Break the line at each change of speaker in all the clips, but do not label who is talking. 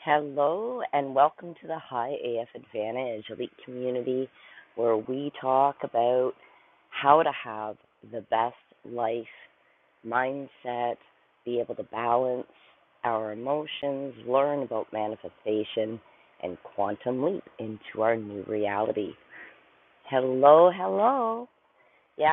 Hello, and welcome to the High AF Advantage Elite Community, where we talk about how to have the best life mindset, be able to balance our emotions, learn about manifestation, and quantum leap into our new reality. Hello, hello. Yeah,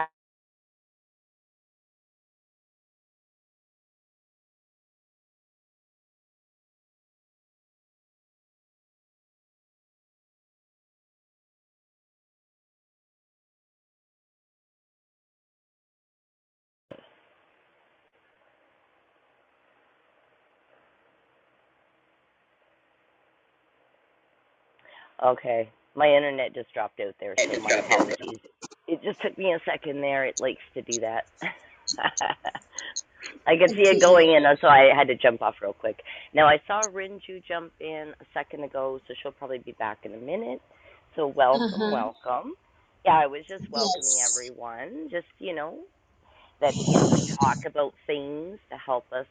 Okay. My internet just dropped out there, so my apologies. It just took me a second there. It likes to do that. I could see it
Okay.
going in, so I had to jump off real quick. Now, I saw Rinju jump in a second ago, so she'll probably be back in a minute. So, welcome,
Uh-huh.
welcome. Yeah, I was just welcoming
Yes.
everyone. Just, you know, that you know we talk about things to help us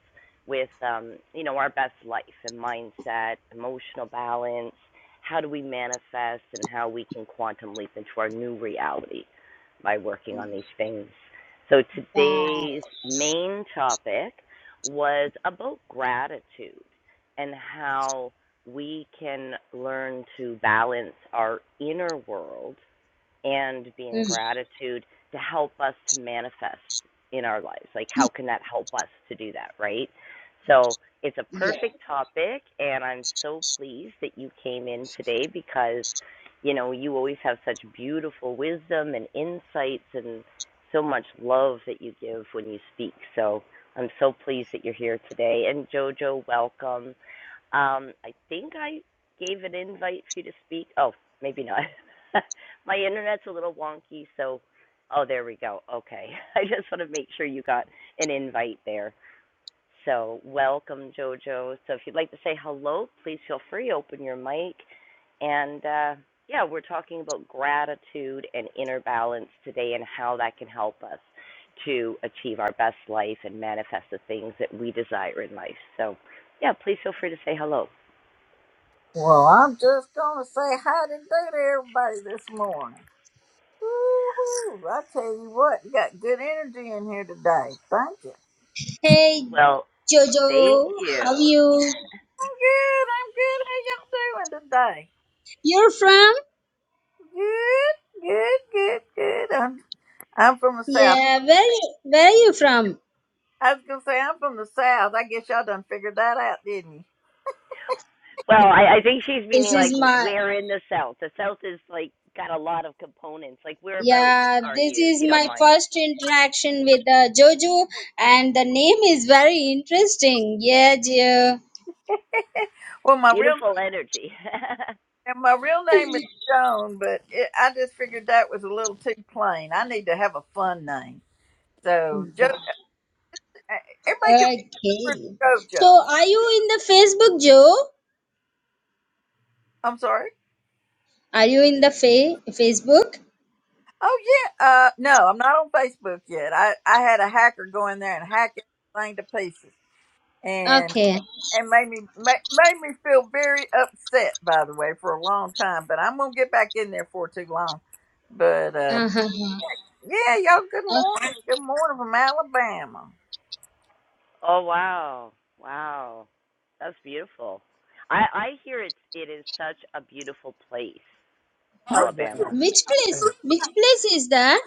with um, you know our best life and mindset, emotional balance. How do we manifest and how we can quantum leap into our new reality by working on these things. So
Wow.
today's main topic was about gratitude and how we can learn to balance our inner world and being
Mm.
gratitude to help us to manifest in our lives. Like, how can that help us to do that, right? So, it's a
Yep.
perfect topic, and I'm so pleased that you came in today because, you know, you always have such beautiful wisdom and insights and so much love that you give when you speak. So, I'm so pleased that you're here today. And, JoJo, welcome. Um, I think I gave an invite for you to speak. Oh, maybe not. My internet's a little wonky, so oh, there we go. Okay. I just want to make sure you got an invite there. So, welcome, JoJo. So, if you'd like to say hello, please feel free, open your mic. And uh, yeah, we're talking about gratitude and inner balance today and how that can help us to achieve our best life and manifest the things that we desire in life. So, yeah, please feel free to say hello.
Well, I'm just gonna say hi to day to everybody this morning. Woo-hoo. I tell you what, you got good energy in here today. Thank you.
Hey
Well. Thank
Jojo, how
you.
you?
I'm good. I'm good. How y'all doing today?
You're from?
Good. Good. Good. Good. I'm I'm from the south.
Yeah, where where are you from?
I was gonna say I'm from the south. I guess y'all done figured that out, didn't you?
Well, I, I think she's
This
meaning like
is my
where in the South. The South is like got a lot of components. Like whereabouts
yeah,
are
this
you, if
is
you don't
my
mind?
first interaction with uh, Jojo and the name is very interesting. Yeah, Jojo.
Well, my real
Beautiful energy.
and my real name is Joan, but it, I just figured that was a little too plain. I need to have a fun name. So
Wow.
Joe Everybody can
Okay.
remember
So
JoJo.
are you in the Facebook, Joe?
I'm sorry.
Are you in the fa- Facebook?
Oh yeah. Uh, no, I'm not on Facebook yet. I I had a hacker go in there and hack everything to pieces, and
Okay.
and made me ma- made me feel very upset. By the way, for a long time, but I'm gonna get back in there for too long. But uh,
Uh-huh.
yeah, y'all. Good morning. Good morning from Alabama.
oh wow, wow, that's beautiful. I I hear it's it is such a beautiful place,
Oh
Alabama.
Which
yeah.
place? Which place is that?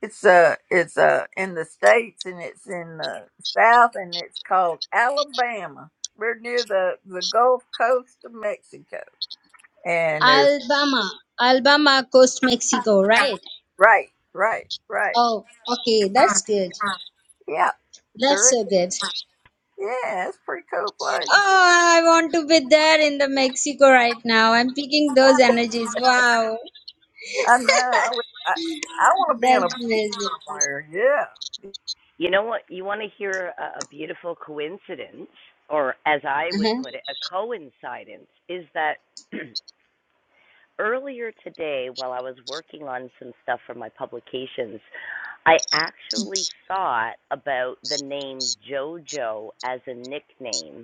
It's uh, it's uh, in the states and it's in the south and it's called Alabama. We're near the the Gulf Coast of Mexico, and there's
Alabama. Alabama Coast, Mexico, right?
right, right, right.
Oh, okay. That's good.
Yeah,
That's
sure.
so good.
Yeah, it's a pretty cool place.
Oh, I want to be there in the Mexico right now. I'm picking those energies. Wow.
I know. I would, I, I want to be in a
That's
beach
amazing.
somewhere. Yeah,
You know what? You want to hear a, a beautiful coincidence, or as I would
Uh-huh.
put it, a coincidence, is that Earlier today, while I was working on some stuff for my publications, I actually thought about the name JoJo as a nickname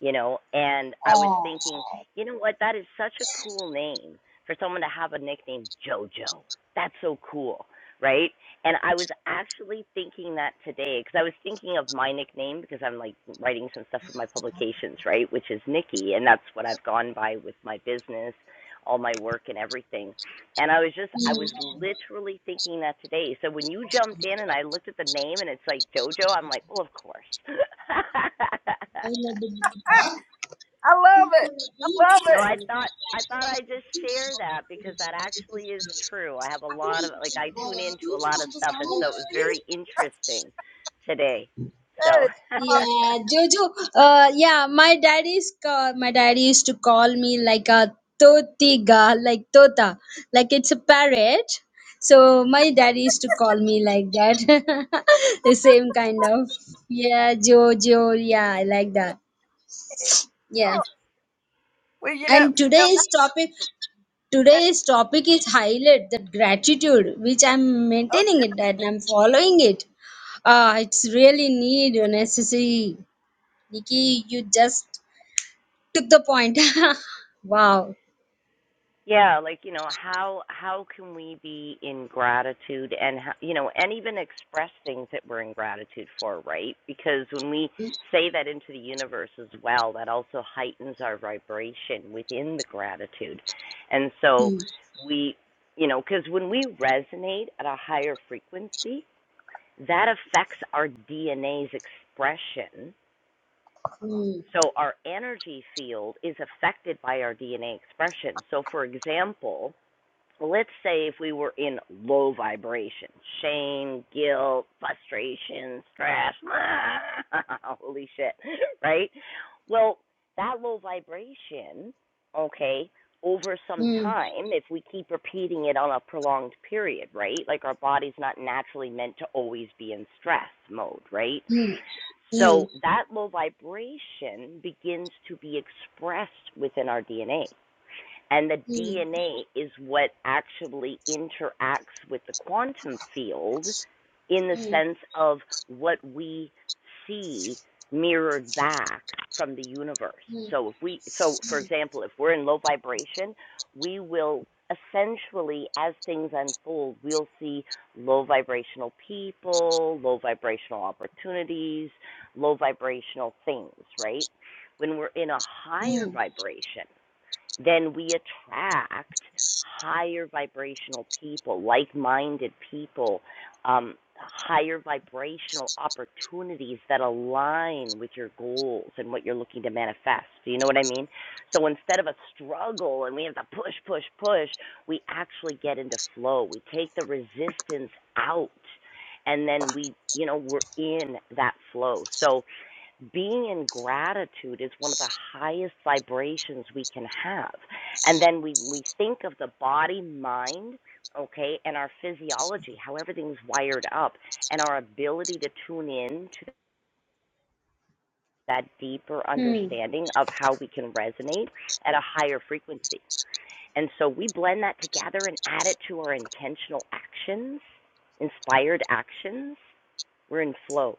you know and i was
Oh.
thinking you know what that is such a cool name for someone to have a nickname jojo that's so cool right and i was actually thinking that today because i was thinking of my nickname because i'm like writing some stuff for my publications right which is nikki and that's what i've gone by with my business all my work and everything and i was just i was literally thinking that today so when you jumped in and i looked at the name and it's like jojo i'm like well of course
I love it. Huh?
I love
I
it. I love
So
it.
I thought I thought I'd just share that because that actually is true. I have a lot of like I tune into a lot of stuff and
love
so it was
it.
very interesting today.
That
So
is awesome.
Yeah, Jojo. Uh, yeah, my daddy's call, my daddy used to call me like a totiga, like tota, like it's a parrot. So my daddy used to call me like that. the same kind of. Yeah, Jojo. Yeah, I like that. Yeah.
Oh, well, you know,
And
you
today's topic, today's topic is highlight that gratitude, which I'm
know
maintaining it, that I'm following it. Ah, it's really need or necessary. Nikki, you just Took the point. wow.
Yeah, like you know, how how can we be in gratitude and how, you know, and even express things that we're in gratitude for, right? Because when we say that into the universe as well, that also heightens our vibration within the gratitude. And so
Mm,
we, you know, cuz when we resonate at a higher frequency, that affects our DNA's expression.
mm,
So our energy field is affected by our DNA expression. So for example, well, let's say if we were in low vibration, shame, guilt, frustration, stress, holy shit, right? Well, that low vibration, okay, over some time, if we keep repeating it on a prolonged period, right? Like our body's not naturally meant to always be in stress mode, right?
mm, mm,
So that low vibration begins to be expressed within our DNA. And the
mm,
DNA is what actually interacts with the quantum field in the
mm,
sense of what we see mirrored back from the universe.
mm, mm,
So if we so for example, if we're in low vibration, we will essentially as things unfold, we'll see low vibrational people, low vibrational opportunities, low vibrational things, right? When we're in a higher
mm,
vibration, then we attract higher vibrational people, like minded people, um, higher vibrational opportunities that align with your goals and what you're looking to manifest. Do you know what I mean? So instead of a struggle and we have to push, push, push, we actually get into flow. We take the resistance out and then we, you know, we're in that flow. So, being in gratitude is one of the highest vibrations we can have. And then we, we think of the body, mind, okay, and our physiology, how everything's wired up, and our ability to tune in to that deeper
mm.
understanding of how we can resonate at a higher frequency. And so we blend that together and add it to our intentional actions, inspired actions. We're in flow.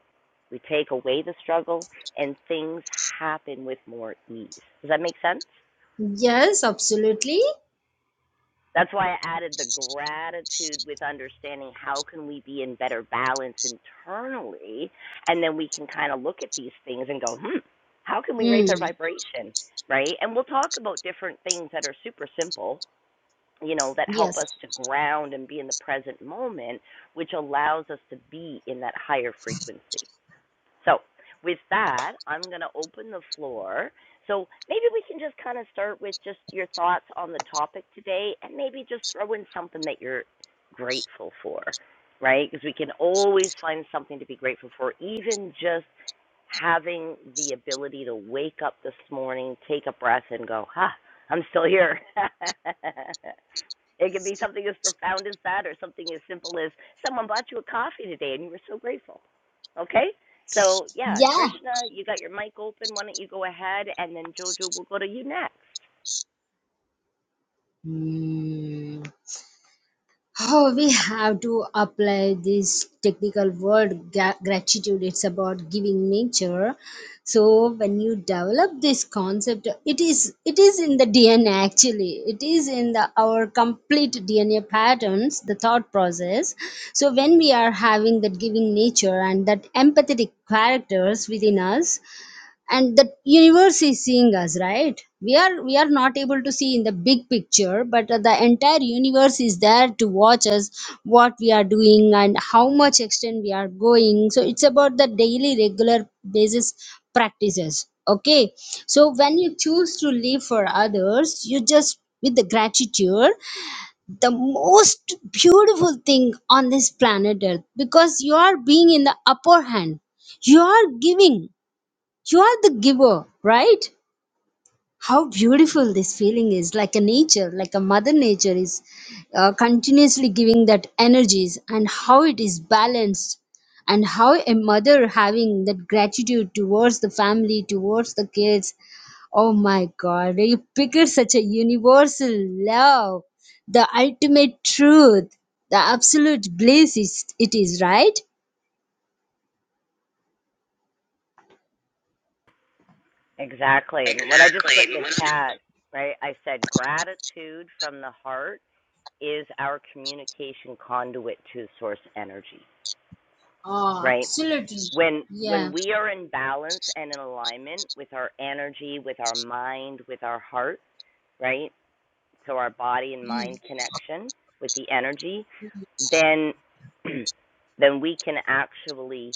We take away the struggle and things happen with more ease. Does that make sense?
Yes, absolutely.
That's why I added the gratitude with understanding how can we be in better balance internally and then we can kind of look at these things and go, "Hmm, how can we
Mm.
raise our vibration?" right? And we'll talk about different things that are super simple, you know, that help
Yes.
us to ground and be in the present moment, which allows us to be in that higher frequency. So, with that, I'm going to open the floor. So, maybe we can just kind of start with just your thoughts on the topic today and maybe just throw in something that you're grateful for, right? Because we can always find something to be grateful for, even just having the ability to wake up this morning, take a breath, and go, ha, I'm still here. It can be something as profound as that or something as simple as someone bought you a coffee today and you were so grateful. Okay? So, yeah,
Yeah.
Drishna, you got your mic open. Why don't you go ahead and then Jojo we will go to you next.
Mm. How we have to apply this technical word gra- gratitude. It's about giving nature. So when you develop this concept, it is it is in the DNA actually. It is in the our complete DNA patterns, the thought process. So when we are having that giving nature and that empathetic characters within us, and the universe is seeing us right we are we are not able to see in the big picture but uh, the entire universe is there to watch us what we are doing and how much extent we are going so it's about the daily regular basis practices okay so when you choose to live for others you just with the gratitude the most beautiful thing on this planet earth because you are being in the upper hand you are giving you are the giver, right? How beautiful this feeling is like a nature, like a mother nature is uh, continuously giving that energies and how it is balanced and how a mother having that gratitude towards the family, towards the kids. Oh my God, you picture such a universal love, the ultimate truth, the absolute bliss is, it is, right?
Exactly. And what I just put in the chat, right? I said gratitude from the heart is our communication conduit to source energy,
Oh,
right?
absolutely.
When
Yeah.
when we are in balance and in alignment with our energy, with our mind, with our heart, right? so our body and mind connection with the energy, then then we can actually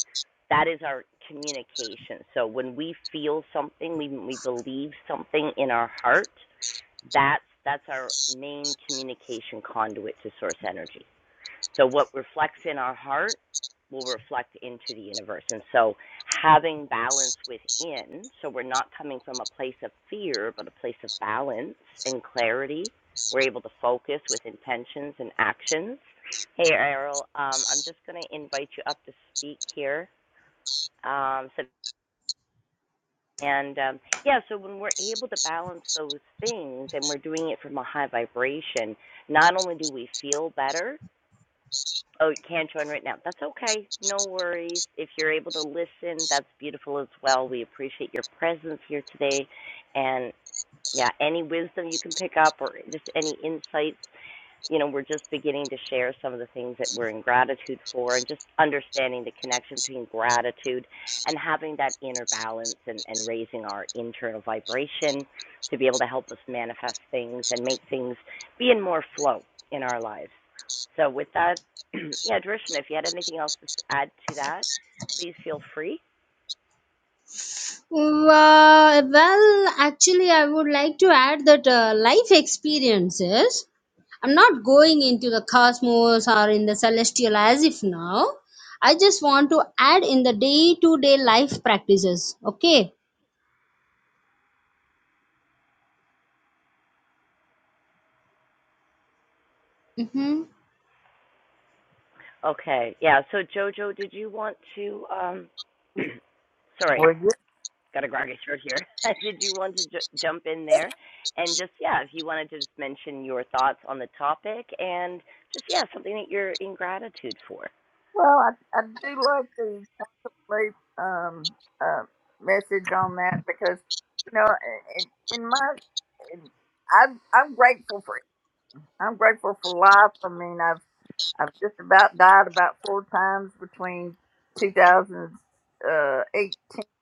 that is our communication. So when we feel something, we we believe something in our heart, that's that's our main communication conduit to source energy. So, what reflects in our heart will reflect into the universe. And so, having balance within, so we're not coming from a place of fear, but a place of balance and clarity. We're able to focus with intentions and actions. Hey, Errol, um, I'm just going to invite you up to speak here. Um, so, and um, yeah, so when we're able to balance those things and we're doing it from a high vibration, not only do we feel better, Oh, you can't join right now. That's okay. No worries. If you're able to listen, that's beautiful as well. We appreciate your presence here today. And yeah, any wisdom you can pick up or just any insights you know, we're just beginning to share some of the things that we're in gratitude for and just understanding the connection between gratitude and having that inner balance and, and raising our internal vibration to be able to help us manifest things and make things be in more flow in our lives. So, with that, yeah, Drishna, if you had anything else to s- add to that, please feel free.
Wa- Well, actually, I would like to add that uh, life experiences. I'm not going into the cosmos or in the celestial as if now. I just want to add in the day to day life practices. Okay. Mm-hmm.
Okay, yeah, so Jojo, did you want to, um, sorry, got a grab short here. Did you want to ju- jump in there? And just, yeah, if you wanted to just mention your thoughts on the topic and just, yeah, something that you're in gratitude for.
Well, I, I do like the quantum leap um, uh, message on that because you know, in, in my, in, I'm I'm grateful for it. I'm grateful for life. I mean, I've I've just about died about four times between 2018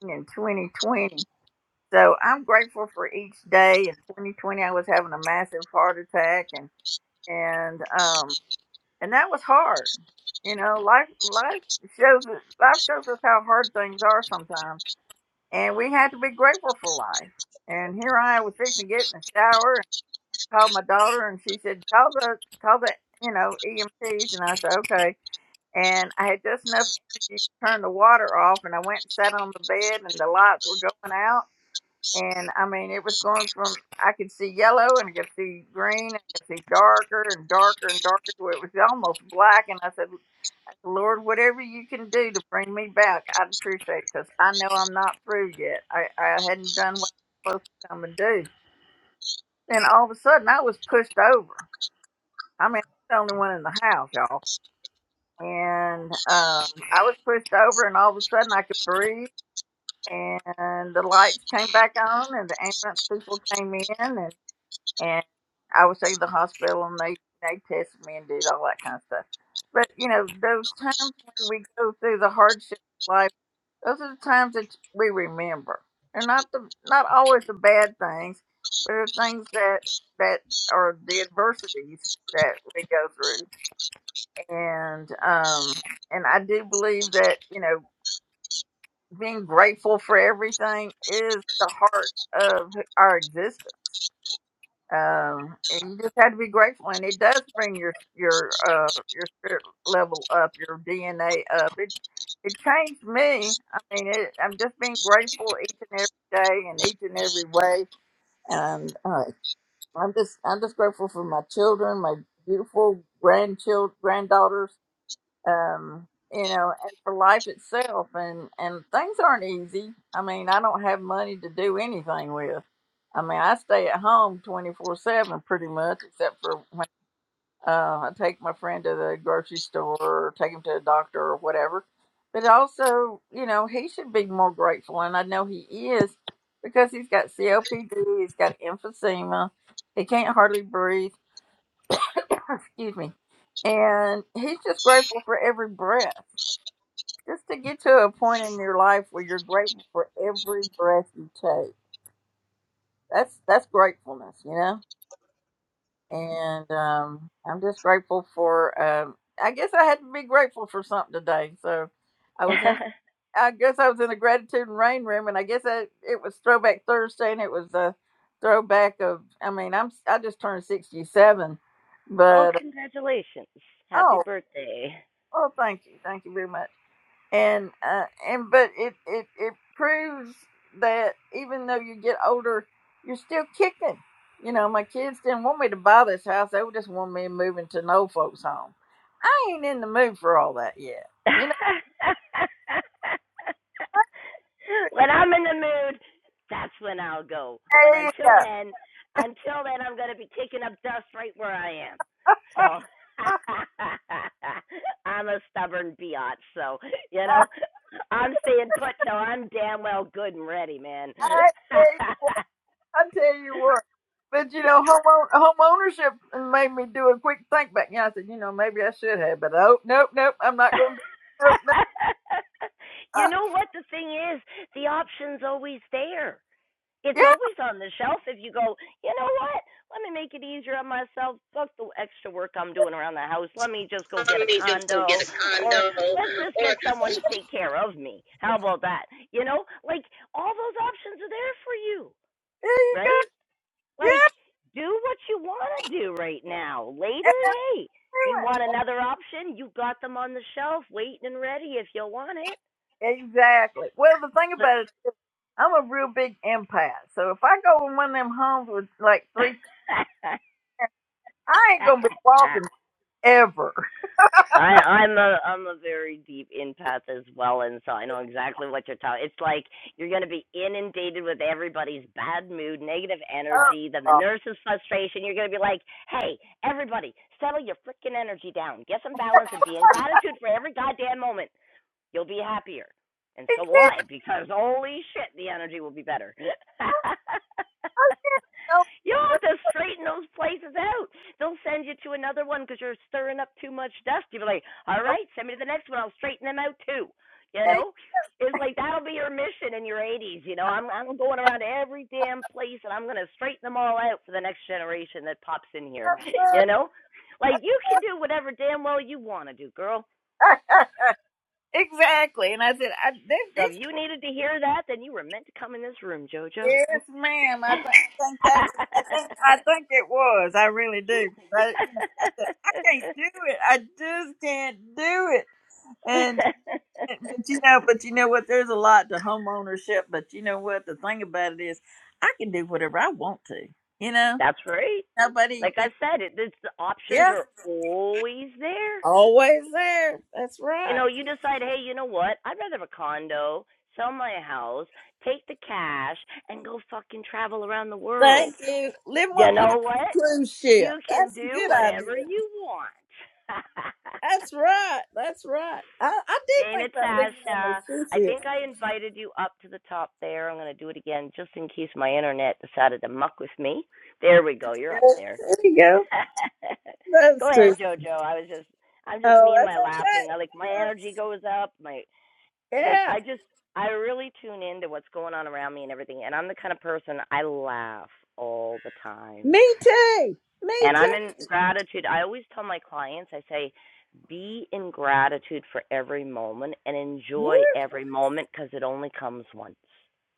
and 2020. So I'm grateful for each day. In 2020, I was having a massive heart attack, and and um, and that was hard. You know, life life shows us life shows us how hard things are sometimes, and we had to be grateful for life. And here I was fixing to get in the shower and I called my daughter, and she said, "Call the call the you know EMTs," and I said, "Okay." And I had just enough energy to turn the water off, and I went and sat on the bed, and the lights were going out. And I mean, it was going from I could see yellow and I could see green and I could see darker and darker and darker. to where It was almost black, and I said, Lord, whatever you can do to bring me back, I'd appreciate because I know I'm not through yet. I, I hadn't done what I was supposed to come and do. Then all of a sudden, I was pushed over. I mean, I'm the only one in the house, y'all. And um, I was pushed over, and all of a sudden, I could breathe, and the lights came back on, and the ambulance people came in, and, and I was in the hospital, and they, they tested me and did all that kind of stuff. But, you know, those times when we go through the hardship, life. Those are the times that we remember. They're not the not always the bad things, but are things that that are the adversities that we go through. And um and I do believe that, you know, being grateful for everything is the heart of our existence. Um, and you just had to be grateful, and it does bring your your uh your spirit level up, your DNA up. It it changed me. I mean, it, I'm just being grateful each and every day, and each and every way. And uh, I'm just I'm just grateful for my children, my beautiful grandchild granddaughters, um, you know, and for life itself. And and things aren't easy. I mean, I don't have money to do anything with. I mean, I stay at home twenty four seven pretty much, except for when uh, I take my friend to the grocery store or take him to a doctor or whatever. But also, you know, he should be more grateful, and I know he is because he's got COPD, he's got emphysema, he can't hardly breathe. Excuse me, and he's just grateful for every breath just to get to a point in your life where you're grateful for every breath you take. That's that's gratefulness, you know. And um, I'm just grateful for. Um, I guess I had to be grateful for something today. So I was in. I guess I was in the gratitude and rain room, and I guess I, it was Throwback Thursday, and it was a throwback of. I mean, I'm I just turned 67,
oh,
but
congratulations. Happy
oh,
birthday.
oh, thank you, thank you very much. and uh, and but it, it it proves that even though you get older, you're still kicking. You know, my kids didn't want me to buy this house; they just wanted me moving to an old folks' home. I ain't in the mood for all that yet. You know,
when I'm in the mood, that's when I'll go. But
there you go.
until then, until then, I'm going to be kicking up dust right where I am. So. I'm a stubborn biatch, so you know I'm staying put till I'm damn well good and ready, man.
I, I tell you what, but you know, home own- home ownership made me do a quick think back. Yeah, I said, you know, maybe I should have, but oh, nope, nope, I'm not going to. Nope, nope.
you
Uh,
know what the thing is? The option's always there. It's
yeah,
always on the shelf if you go, you know what? Let me make it easier on myself. Fuck the extra work I'm doing around the house. Let me just go
Let
get a
me just go get
condo
a
or
condo.
let's just get someone to take care of me. How about that? You know, like all those options are there for you,
there you
right? Like,
go.
do what you want to do right now. Later, hey, you
Yeah,
want another option? You got them on the shelf, waiting and ready if you want it.
Exactly. Well, the thing
But
about it, I'm a real big empath. So if I go in one of them homes with like three, I ain't gonna be walking ever.
I, I'm a I'm a very deep empath as well, and so I know exactly what you're talking. It's like you're going to be inundated with everybody's bad mood, negative
Oh,
energy, then the
God.
nurse's frustration. You're going to be like, hey, everybody, settle your freaking energy down. Get some balance and be in gratitude for every goddamn moment. You'll be happier. And so will I, because holy shit, the energy will be better. You'll have to straighten those places out. They'll send you to another one because you're stirring up too much dust. You'll be like, all right, send me to the next one. I'll straighten them out too. You know, it's like that'll be your mission in your 80s. You know, I'm I'm going around every damn place and I'm gonna straighten them all out for the next generation that pops in here. You know, like you can do whatever damn well you want to do, girl.
Exactly. Exactly. And I said, I this,
So if
this
you needed to hear that, then you were meant to come in this room, JoJo.
yes, ma'am. I, th- I think that was, I think I think it was. I really do. 'Cause I, you know, I said I can't do it. I just can't do it. And." But you know, but you know what? There's a lot to home ownership. But you know what? The thing about it is, I can do whatever I want to. You know,
That's right.
nobody.
Like I
You
said, it, it's, the options
yeah,
are always there.
always there. That's
You
right.
know, you decide, hey, you know what? I'd rather have a condo, sell my house, take the cash, and go fucking travel around the
Thank
world.
you. Live on,
You know
live on a
what?
cruise ship.
You can
That's a
do
good idea.
whatever you want.
That's right. That's right. I, I did
Hey,
think about living on a
Natasha.
cruise
I
ship.
think I invited you up to the top there. I'm going to do it again just in case my internet decided to muck with me. There we go. You're
Yeah,
up there.
There you go.
go
Those two.
ahead, Jojo. I was just, I'm just
Oh,
me and
that's
my laughing. I like my
okay.
energy goes up. My
You know,
like,
Yeah.
I just, I really tune into what's going on around me and everything. And I'm the kind of person I laugh all the time.
Me too. Me
And I'm
too.
in gratitude. I always tell my clients, I say, be in gratitude for every moment and enjoy
Yeah.
every moment because it only comes once.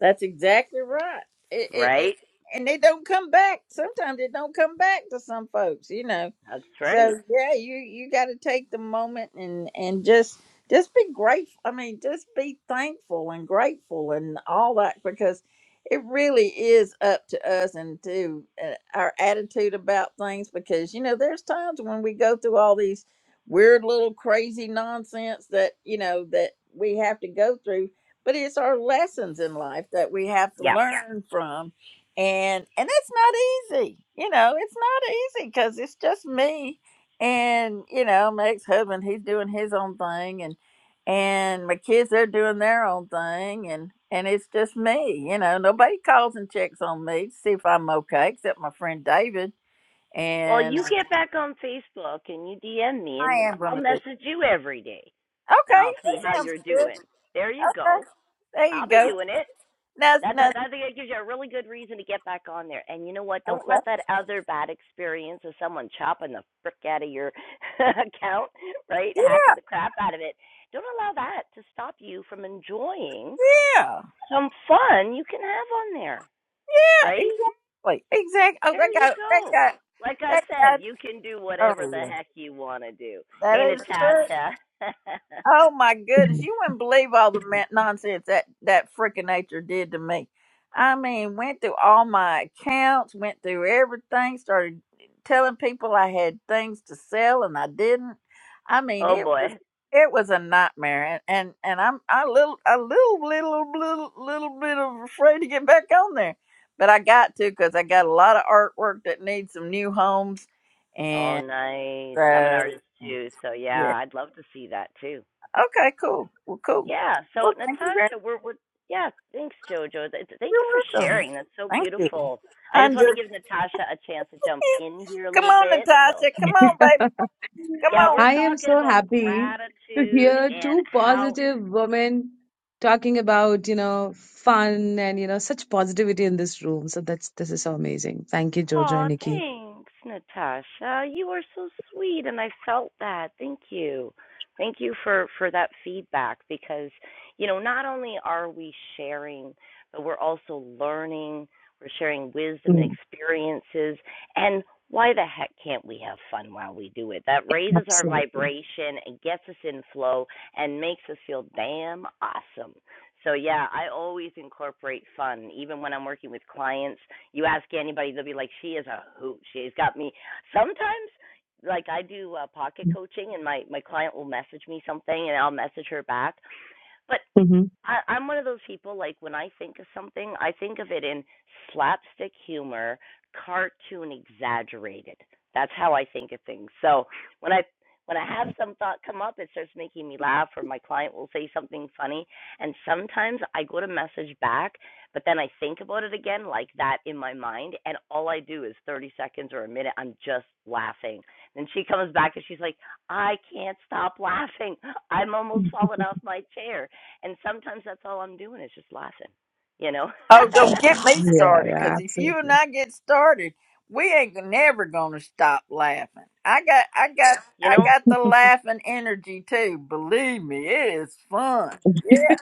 That's exactly right. It, it, it,
Right?
and they don't come back. Sometimes they don't come back to some folks, you know.
That's right.
So yeah, you you got to take the moment and and just just be grateful. I mean, just be thankful and grateful and all that because it really is up to us and to uh, our attitude about things. Because you know, there's times when we go through all these weird little crazy nonsense that you know that we have to go through but it's our lessons in life that we have to
Yeah.
learn from and and it's not easy you know it's not easy because it's just me and you know my ex-husband he's doing his own thing and and my kids they're doing their own thing and and it's just me you know nobody calls and checks on me to see if i'm okay except my friend david
Well,
and uh,
you get back on Facebook and you DM me
i
and
am
I'll
going to do okay
message you every day and I'll see how
that sounds
you're
good
doing. There you go.
okay there you
I'll be
go
doing it.
now,
That
now
that that gives you a really good reason to get back on there. And you know what? Don't
okay
let that other bad experience of someone chopping the frick out of your account, right?
yeah
Hacking the crap out of it. Don't allow that to stop you from enjoying
yeah.
some fun you can have on there,
Yeah,
right?
exactly. Exactly. Oh,
There
that
you
got that
go.
got
Like I
that
said,
got.
you can do whatever
Oh
the
yeah,
heck you want to do. Hey,
that is true.
Natasha.
Oh my goodness,
Mhm.
you wouldn't believe all the ma- nonsense that that freaking nature did to me. I mean, went through all my accounts, went through everything, started telling people I had things to sell and I didn't. I mean,
oh
it was
boy.
it was a nightmare, and and, and I'm I little a little little little little bit of afraid to get back on there, but I got to because I got a lot of artwork that needs some new homes,
Oh,
and
nice. I'm an
so.
artist too, so
yeah.
yeah, I'd love to see that too.
Okay, cool. Well, cool.
Yeah. So
Well, thank you very much.
Natasha, we're, we're yeah. Thanks, Jojo. Th- Thank
You're
you for
welcome.
sharing. That's so
Thank you.
beautiful. I just
I'm
want to
just,
give Natasha a chance to jump
yeah,
in here a
come
little
on,
bit. So
Natasha. Come on, baby. Come
yeah,
on.
we're
I am
talking
so
about
happy to
gratitude
hear
and
two
how
positive women talking about, you know, fun and, you know, such positivity in this room. So that's this is so amazing. Thank you, Jojo
Oh,
and Nikki.
thanks, Natasha. You are so sweet, and I felt that. Thank you. Thank you for for that feedback because, you know, not only are we sharing, but we're also learning. We're sharing wisdom and
Mm,
experiences. And why the heck can't we have fun while we do it? That raises our
absolutely.
vibration and gets us in flow and makes us feel damn awesome. So, yeah, I always incorporate fun, even when I'm working with clients you ask anybody, they'll be like, "She is a hoot. She's got me." Sometimes, like I do uh, pocket coaching, and my my client will message me something, and I'll message her back. But
hmm
I, I'm one of those people like when I think of something, I think of it in slapstick humor, cartoon exaggerated. That's how I think of things. So when I when I have some thought come up, it starts making me laugh, or my client will say something funny, and sometimes I go to message back, but then I think about it again like that in my mind, and all I do is 30 seconds or a minute, I'm just laughing. Then she comes back and she's like, "I can't stop laughing. I'm almost falling off my chair." And sometimes that's all I'm doing is just laughing, you know.
Oh, don't get me
Yeah,
started,
yeah,
because if you and
absolutely.
I get started, we ain't gonna- never gonna stop laughing. I got, I got,
you
I
know,
got the laughing energy too. Believe me, it is fun. Yeah.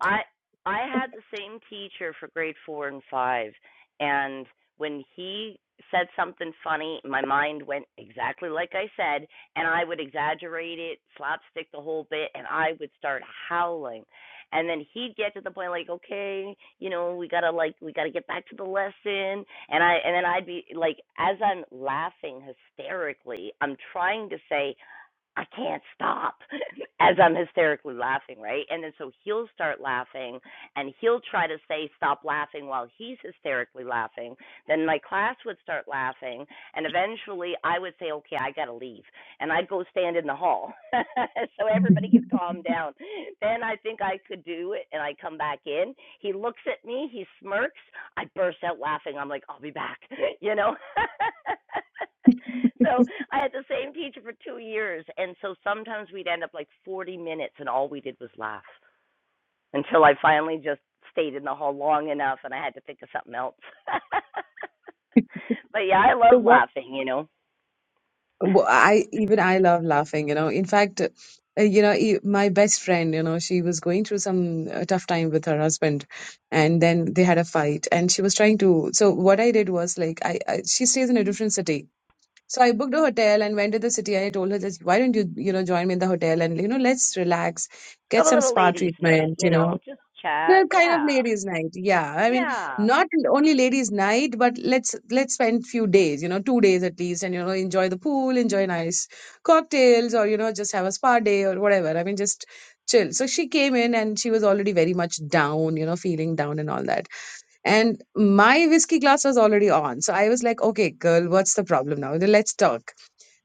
I I had the same teacher for grade four and five, and when he said something funny, my mind went exactly like I said, and I would exaggerate it, slapstick the whole bit, and I would start howling. And then he'd get to the point like, okay, you know, we gotta like we gotta get back to the lesson, and I and then I'd be like, as I'm laughing hysterically, I'm trying to say I can't stop as I'm hysterically laughing, right? And then so he'll start laughing and he'll try to say stop laughing while he's hysterically laughing. Then my class would start laughing and eventually I would say, Okay, I gotta leave and I'd go stand in the hall so everybody could calm down. Then I think I could do it and I come back in. He looks at me, he smirks, I burst out laughing. I'm like, I'll be back, you know? so I had the same teacher for two years. And so sometimes we'd end up like 40 minutes and all we did was laugh until I finally just stayed in the hall long enough and I had to think of something else. but yeah, I
so
love
what
laughing, you know?
Well, I even I love laughing, you know. In fact, uh, you know, e- my best friend, you know, she was going through some uh, tough time with her husband, and then they had a fight, and she was trying to. So what I did was like, I, I she stays in a different city, so I booked a hotel and went to the city. I told her that why don't you, you know, join me in the hotel and you know, let's relax,
Have
get
a
some
little
spa
ladies' night,
treatment,
you
you know,
know, just chat.
that kind of
Yeah.
ladies' night, yeah. I mean,
Yeah.
not only ladies' night, but let's let's spend few days, you know, two days at least, and you know, enjoy the pool, enjoy nice cocktails, or you know, just have a spa day or whatever. I mean, just chill. So she came in and she was already very much down, you know, feeling down and all that. And my whiskey glass was already on, so I was like, okay, girl, what's the problem now? Let's talk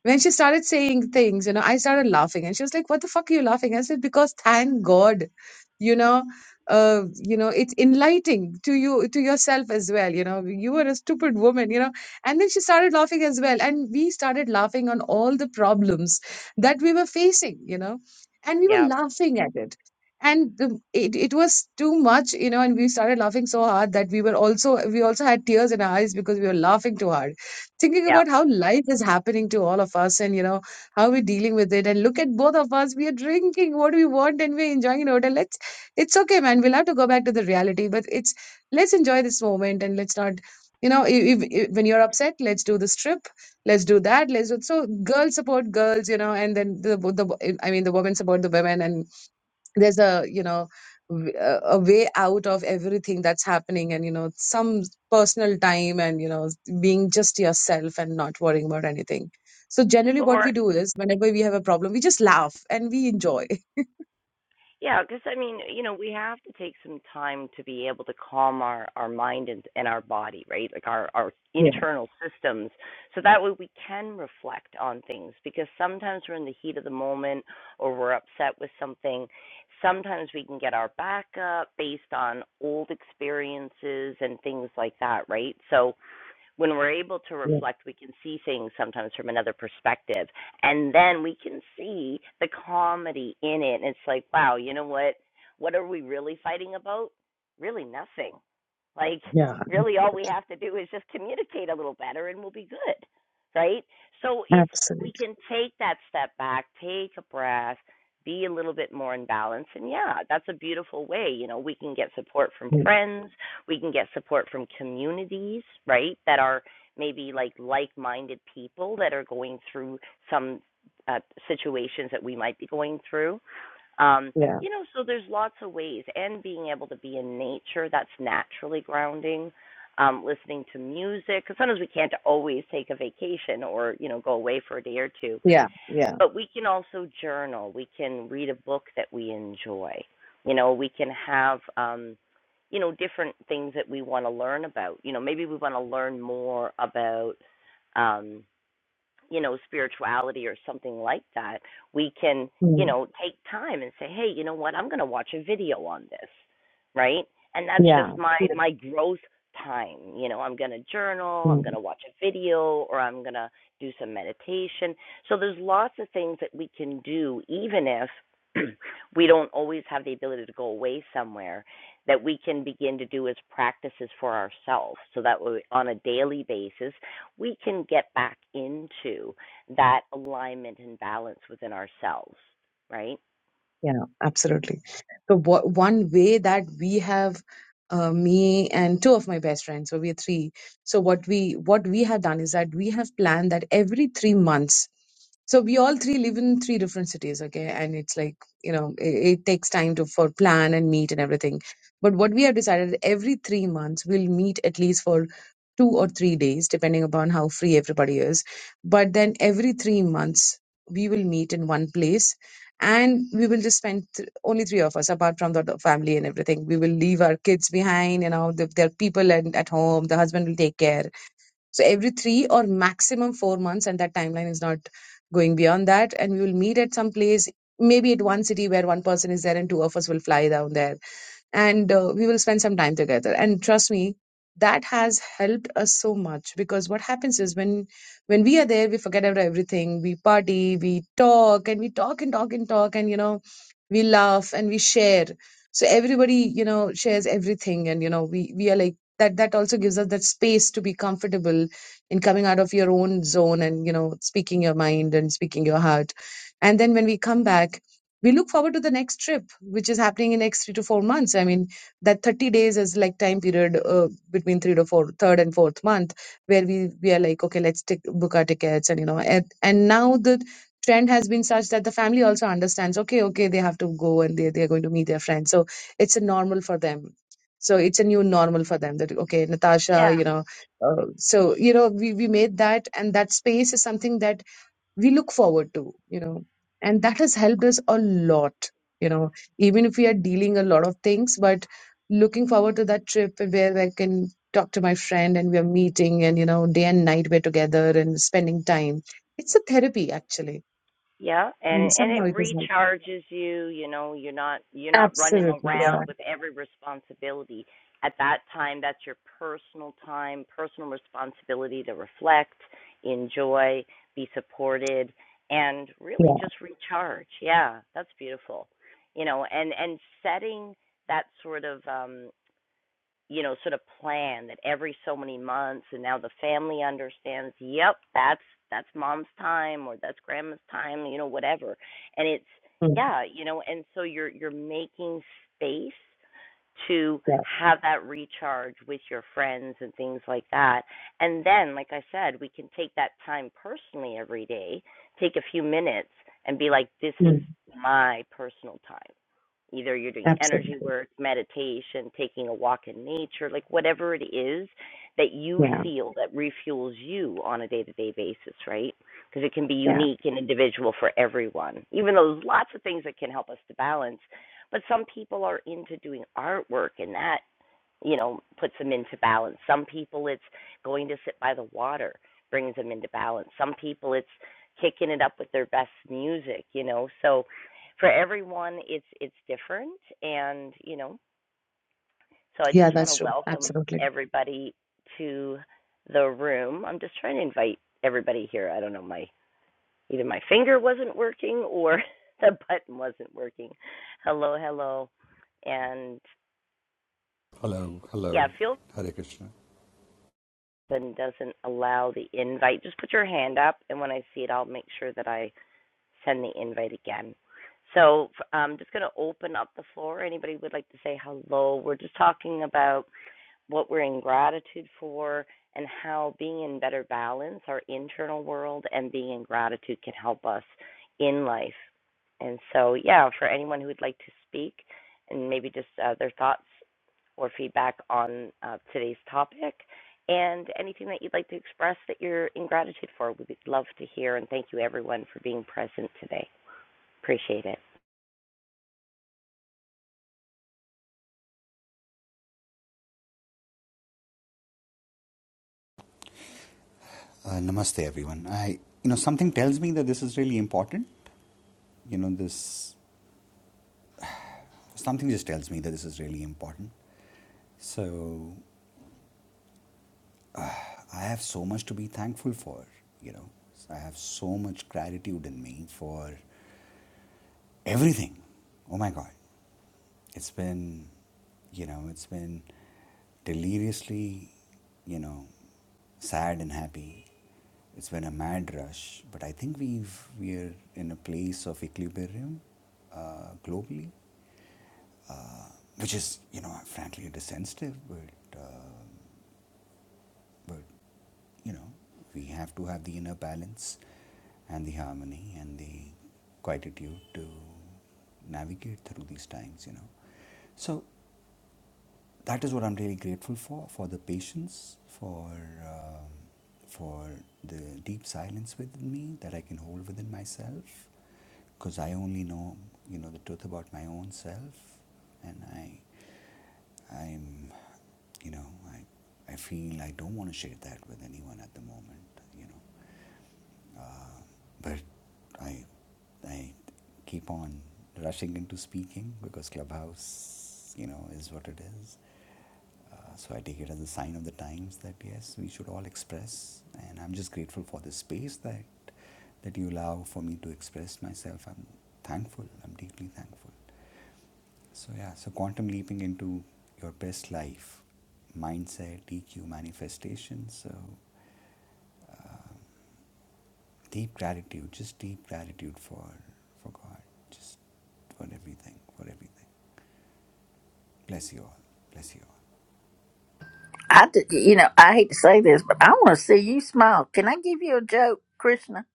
when she started saying things, you know, I started laughing, and she was like, "What the fuck are you laughing?" I said, "Because thank God, you know, uh, you know, it's enlightening to you to yourself as well. You know, you were a stupid woman, you know." And then she started laughing as well, and we started laughing on all the problems that we were facing, you know, and we were
Yeah.
laughing at it. And the, it, it was too much, you know, and we started laughing so hard that we were also, we also had tears in our eyes because we were laughing too hard thinking
Yeah.
about how life is happening to all of us and you know how we're dealing with it and look at both of us we are drinking what we want and we're enjoying it out let's it's okay man we'll have to go back to the reality but it's let's enjoy this moment and let's not you know if, if- when you're upset let's do this trip let's do that let's do so girls support girls you know and then the, the i mean the women support the women and there's a you know w- a a way out of everything that's happening and you know some personal time and you know being just yourself and not worrying about anything so generally
When
what
we're
we do is whenever we have a problem we just laugh and we enjoy
Yeah, because I mean, you know, we have to take some time to be able to calm our our mind and and our body, right? Like our our
Yeah,
internal systems, so that way we can reflect on things. Because sometimes we're in the heat of the moment, or we're upset with something. Sometimes we can get our back up based on old experiences and things like that, right? So when we're able to
yeah,
reflect, we can see things sometimes from another perspective. And then we can see the comedy in it. And it's like, wow, you know what? What are we really fighting about? Really nothing. Like,
yeah.
really, all we have to do is just communicate a little better and we'll be good. Right? So it's, we
Absolutely.
can take that step back, take a breath, be a little bit more in balance. And yeah, that's a beautiful way. You know, we can get support from
Yeah,
friends we can get support from communities, right, that are maybe like like-minded people that are going through some uh, situations that we might be going through. Um,
yeah,
you know, so there's lots of ways, and being able to be in nature that's naturally grounding. Um, listening to music because sometimes we can't always take a vacation or you know go away for a day or two
yeah. yeah,
but we can also journal. We can read a book that we enjoy. You know, we can have um, you know, different things that we want to learn about. You know, maybe we want to learn more about um you know, spirituality or something like that, we can, you
Mm,
know, take time and say, "Hey, you know what? I'm going to watch a video on this." Right? And that's just
Yeah.
my my growth time. You know, I'm going to journal,
yeah.
I'm going to watch a video, or I'm going to do some meditation. So there's lots of things that we can do even if we don't always have the ability to go away somewhere that we can begin to do as practices for ourselves so that we, on a daily basis we can get back into that alignment and balance within ourselves right
Yeah, absolutely. So wha- one way that we have, uh, me and two of my best friends, so we are three. So what we what we have done is that we have planned that every three months. So we all three live in three different cities, okay? And it's like you know it, it takes time to for plan and meet and everything. But what we have decided every three months we'll meet at least for two or three days, depending upon how free everybody is. But then every three months we will meet in one place and we will just spend th- only three of us apart from the the family and everything we will leave our kids behind you know the, their people and at home the husband will take care so every three or maximum four months and that timeline is not going beyond that and we will meet at some place maybe at one city where one person is there and two of us will fly down there and uh, we will spend some time together and trust me that has helped us so much because what happens is when when we are there we forget about everything we party we talk and we talk and talk and talk and you know we laugh and we share so everybody you know shares everything and you know we we are like that that also gives us that space to be comfortable in coming out of your own zone and you know speaking your mind and speaking your heart and then when we come back we look forward to the next trip, which is happening in next three to four months. I mean, that 30 days is like time period uh, between three to four, third and fourth month, where we, we are like, okay, let's take, book our tickets. And, you know, and, and now the trend has been such that the family also understands, okay, okay, they have to go and they, they're going to meet their friends. So it's a normal for them. So it's a new normal for them that, okay, Natasha,
Yeah.
you know, uh, so, you know, we, we made that and that space is something that we look forward to you know and that has helped us a lot you know even if we are dealing a lot of things but looking forward to that trip where i can talk to my friend and we are meeting and you know day and night we're together and spending time it's a therapy actually
Yeah, and
and
and it
somehow it has helped
recharges you, you know, you're not you're not running
absolutely yeah
around with every responsibility. At that time, that's your personal time, personal responsibility to reflect, enjoy, be supported and really
yeah
just recharge. Yeah, that's beautiful. You know, and and setting that sort of um you know, sort of plan that every so many months and now the family understands, yep, that's that's mom's time or that's grandma's time, you know, whatever. And it's
mm,
yeah, you know, and so you're you're making space to
yeah
have that recharge with your friends and things like that. And then, like I said, we can take that time personally every day, take a few minutes and be like, this is
mm,
my personal time. Either you're doing energy
absolutely
work, meditation, taking a walk in nature, like whatever it is that you
yeah
feel that refuels you on a day to day basis, right? Because it can be
yeah
unique and individual for everyone, even though there's lots of things that can help us to balance. But some people are into doing artwork and that you know, puts them into balance. Some people it's going to sit by the water brings them into balance. Some people it's kicking it up with their best music, you know. So for everyone it's it's different and you know so i
yeah
just want to
that's true
welcome
absolutely
everybody to the room i'm just trying to invite everybody here i don't know my either my finger wasn't working or the button wasn't working hello hello and yeah feel button doesn't allow the invite just put your hand up and when i see it i'll make sure that i send the invite again so i I'm um, just going to open up the floor. Anybody would like to say hello? We're just talking about what we're in gratitude for, and how being in better balance, our internal world, and being in gratitude can help us in life. And so, yeah, for anyone who would like to speak and maybe just uh, their thoughts or feedback on uh, today's topic and anything that you'd like to express that you're in gratitude for, we'd love to hear. And thank you, everyone, for being present today. Appreciate it.
I, d- you know, I hate to say this, but I want to see you smile. Can I give you a joke, Krishna?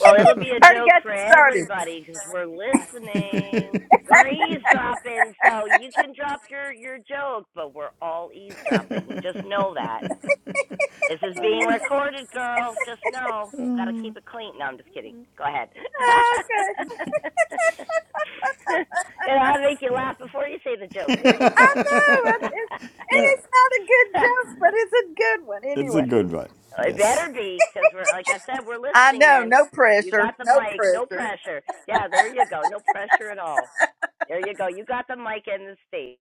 Well, it'll be a
Already
joke
got
for
you started.
everybody because we're listening. We're eavesdropping, so you can drop your your joke, but we're all eavesdropping. Just know that this is being recorded, girl. Just know. Gotta keep it clean. No, I'm just kidding. Go ahead. you
Okay.
know, I'll make you
Yeah.
laugh before you say the joke. There you
I
go.
know. It's, it's, and
No,
it's not a good joke, but it's a good one
it's a
anyway.
good one.
It better
Yes.
be, because we're like I said, we're
I
listening,
know.
man.
No
You
pressure.
got the
No
mic, no
pressure.
pressure. Yeah, there you go, no pressure at all. There you go. You got the mic and the stage.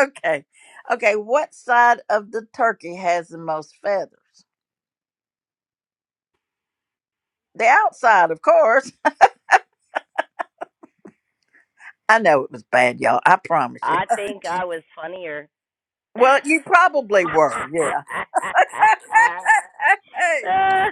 Okay. Okay. What side of the turkey has the most feathers? The outside, of course. I know it was bad, y'all. I promise you.
I think I was funnier.
Well, you probably were. Yeah.
I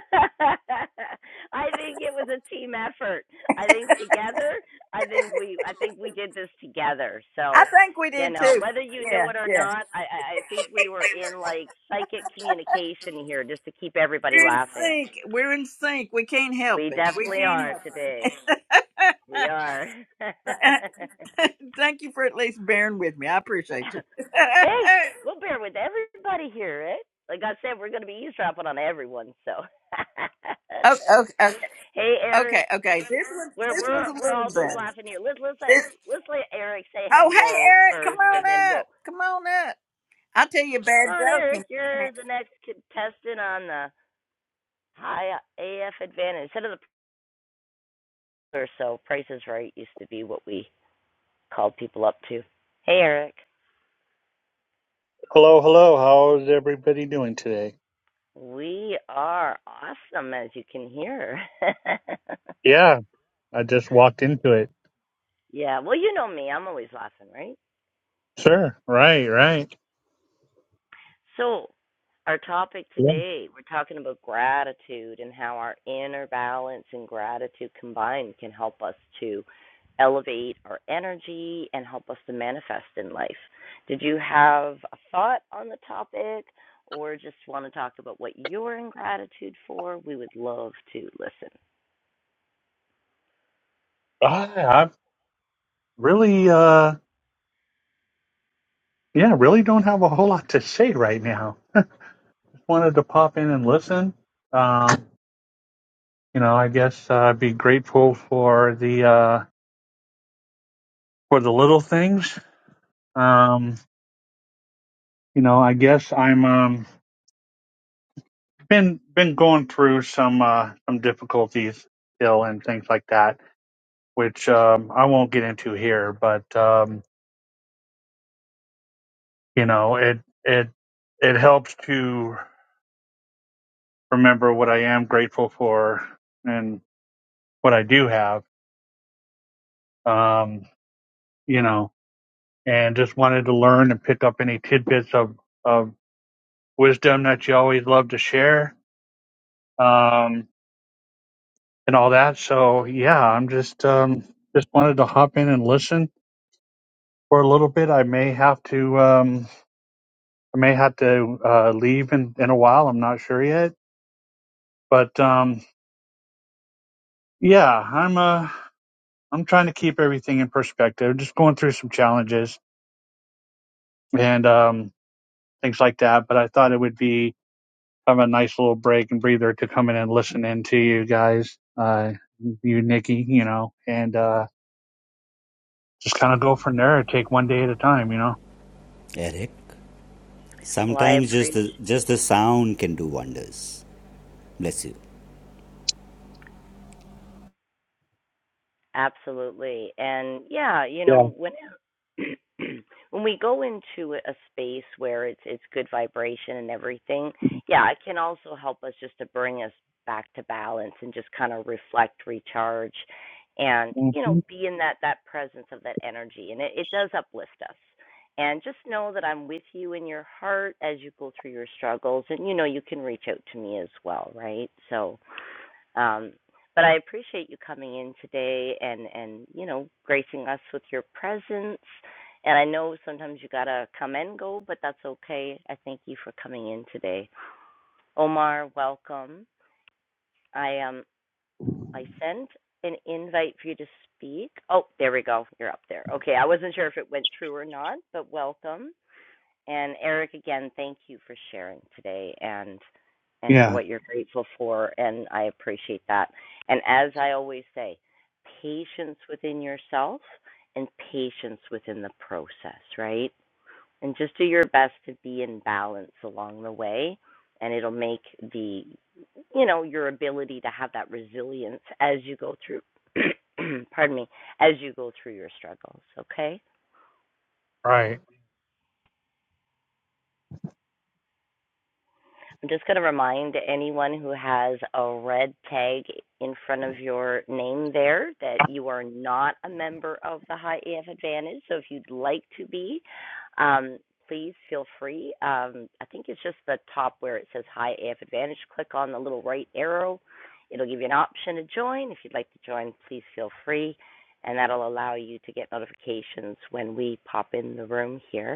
think it was a team effort. I think together, I think we, I think we did this together.
I
So,
think we
you
did
know,
too.
whether you knew
Yeah.
it or
Yeah.
not, I, I think we were in like psychic communication here just to keep everybody
We're in
laughing.
sync. We're in sync. We can't help
We
it. We
definitely are today.
can't help
We are.
it. Thank you for at least bearing with me. I appreciate you.
hey, we'll bear with everybody here, right? Like I said, we're going to be eavesdropping on everyone. So,
okay, okay,
hey,
okay,
Eric.
okay. This one,
We're
this
we're
one's a
we're
little
all just
better.
laughing here. Let's let's let
This,
let's let Eric say
oh, hey,
hello
Eric, come
first,
on
and then
up,
we'll
come on up. I'll tell you a bad
come on,
joke.
Eric.
And
You're the next contestant on the High AF Advantage. Instead of the or so, Price is Right used to be what we called people up to. Hey, Eric.
Hello, hello. How's everybody doing today?
We are awesome, as you can hear.
Yeah, I just walked into it.
yeah. Well, you know me. I'm always laughing, right?
Sure. Right, right.
So, our topic
Yeah.
today, we're talking about gratitude and how our inner balance and gratitude combined can help us to elevate our energy and help us to manifest in life. Did you have a thought on the topic or just want to talk about what you're in gratitude for? We would love to listen.
I, I really, uh, yeah, really don't have a whole lot to say right now. Just wanted to pop in and listen. Um, you know, I guess uh, I'd be grateful for the, uh, for the little things. Um, you know, I guess I'm, um, been, been going through some, uh, some difficulties still and things like that, which, um, I won't get into here, but, um, You know, it it it helps to remember what I am grateful for and what I do have. Um, you know, and just wanted to learn and pick up any tidbits of of wisdom that you always love to share. Um, and all that. So yeah, I'm just um just wanted to hop in and listen for a little bit. I may have to um I may have to uh leave in, in a while. I'm not sure yet. But um yeah, I'm uh I'm trying to keep everything in perspective. Just going through some challenges and um, things like that. But I thought it would be kind of a nice little break and breather to come in and listen in to you guys, uh, you Nikki, you know, and uh, just kind of go from there. and Take one day at a time, you know.
Well, I appreciate Absolutely. And yeah, you know, when when we go into a space where it's it's good vibration and everything, yeah, it can also help us just to bring us back to balance and just kind of reflect, recharge and,
Yeah.
you
hmm
know, be in that that presence of that energy and it, it does uplift us. And just know that I'm with you in your heart as you go through your struggles and you know you can reach out to me as well, right? So um, but I appreciate you coming in today and and you know gracing us with your presence. And I know sometimes you gotta come and go, but that's okay. I thank you for coming in today, Omar. Welcome. I um I sent an invite for you to speak. Oh, there we go. You're up there. Okay, I wasn't sure if it went through or not, but welcome. And Eric, again, thank you for sharing today and and for
Yeah.
what you're grateful for, and I appreciate that. And as I always say, patience within yourself and patience within the process, right? And just do your best to be in balance along the way, and it'll make the you know your ability to have that resilience as you go through. pardon me, as you go through your struggles. Okay.
Right.
I'm just going to remind anyone who has a red tag in front of your name there that you are not a member of the High AF Advantage. So if you'd like to be, um, please feel free. Um, I think it's just the top where it says High AF Advantage. Click on the little right arrow. It'll give you an option to join. If you'd like to join, please feel free. And that'll allow you to get notifications when we pop in the room here.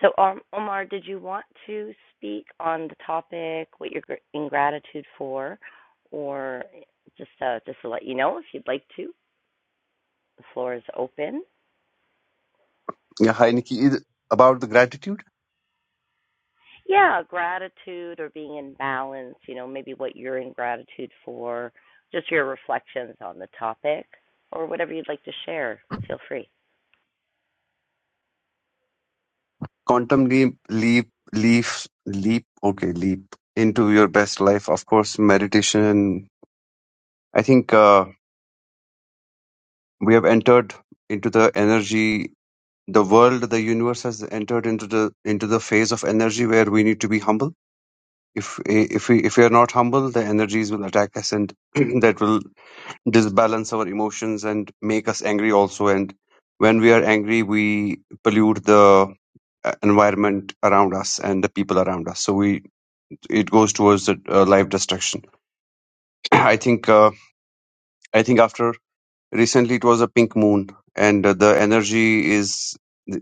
So, um, Omar, did you want to speak on the topic, what you're in gratitude for, or just uh, just to let you know if you'd like to, the floor is open.
Yeah, hi Nikki. Is- About the gratitude,
Yeah, gratitude or being in balance. You know, maybe what you're in gratitude for, just your reflections on the topic, or whatever you'd like to share. Feel free.
quantum leap, leap, leaf, leap. Okay, leap into your best life. Of course, meditation. I think uh, we have entered into the energy, the world, the universe has entered into the into the phase of energy where we need to be humble. If if we if we are not humble, the energies will attack us, and that will disbalance our emotions and make us angry also and when we are angry we pollute the uh, environment around us and the people around us so we it goes towards the uh, life destruction i think uh, i think after recently it was a pink moon and uh, the energy is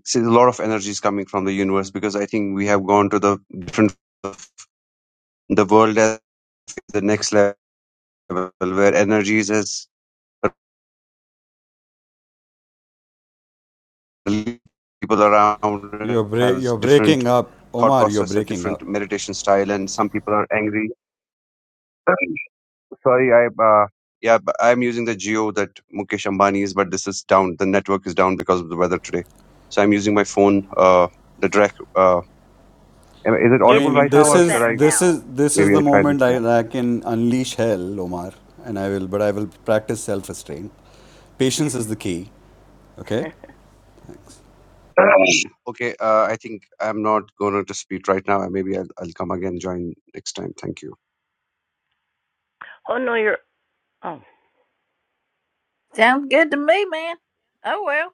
see, a lot of energy is coming from the universe because i think we have gone to the different the world at the next level where energy is as people around
You're
it
break
has
you're
different
breaking up,
thought
Omar. You're
process, a
breaking up.
different meditation style, and some people are angry. Sorry, I uh, yeah, but I'm using the geo that Mukesh Ambani is, but this is down. The network is down because of the weather today, so I'm using my phone. Uh, the direct. Uh, am- is it
It's
audible
it's
right
a
now,
little
or should
better
I?
now.
Maybe I try. This okay, uh, I think I'm not going to speak right now. Maybe I'll, I'll come again, join next time. Thank you.
oh no, you're. Oh,
sounds good to me, man. Oh well,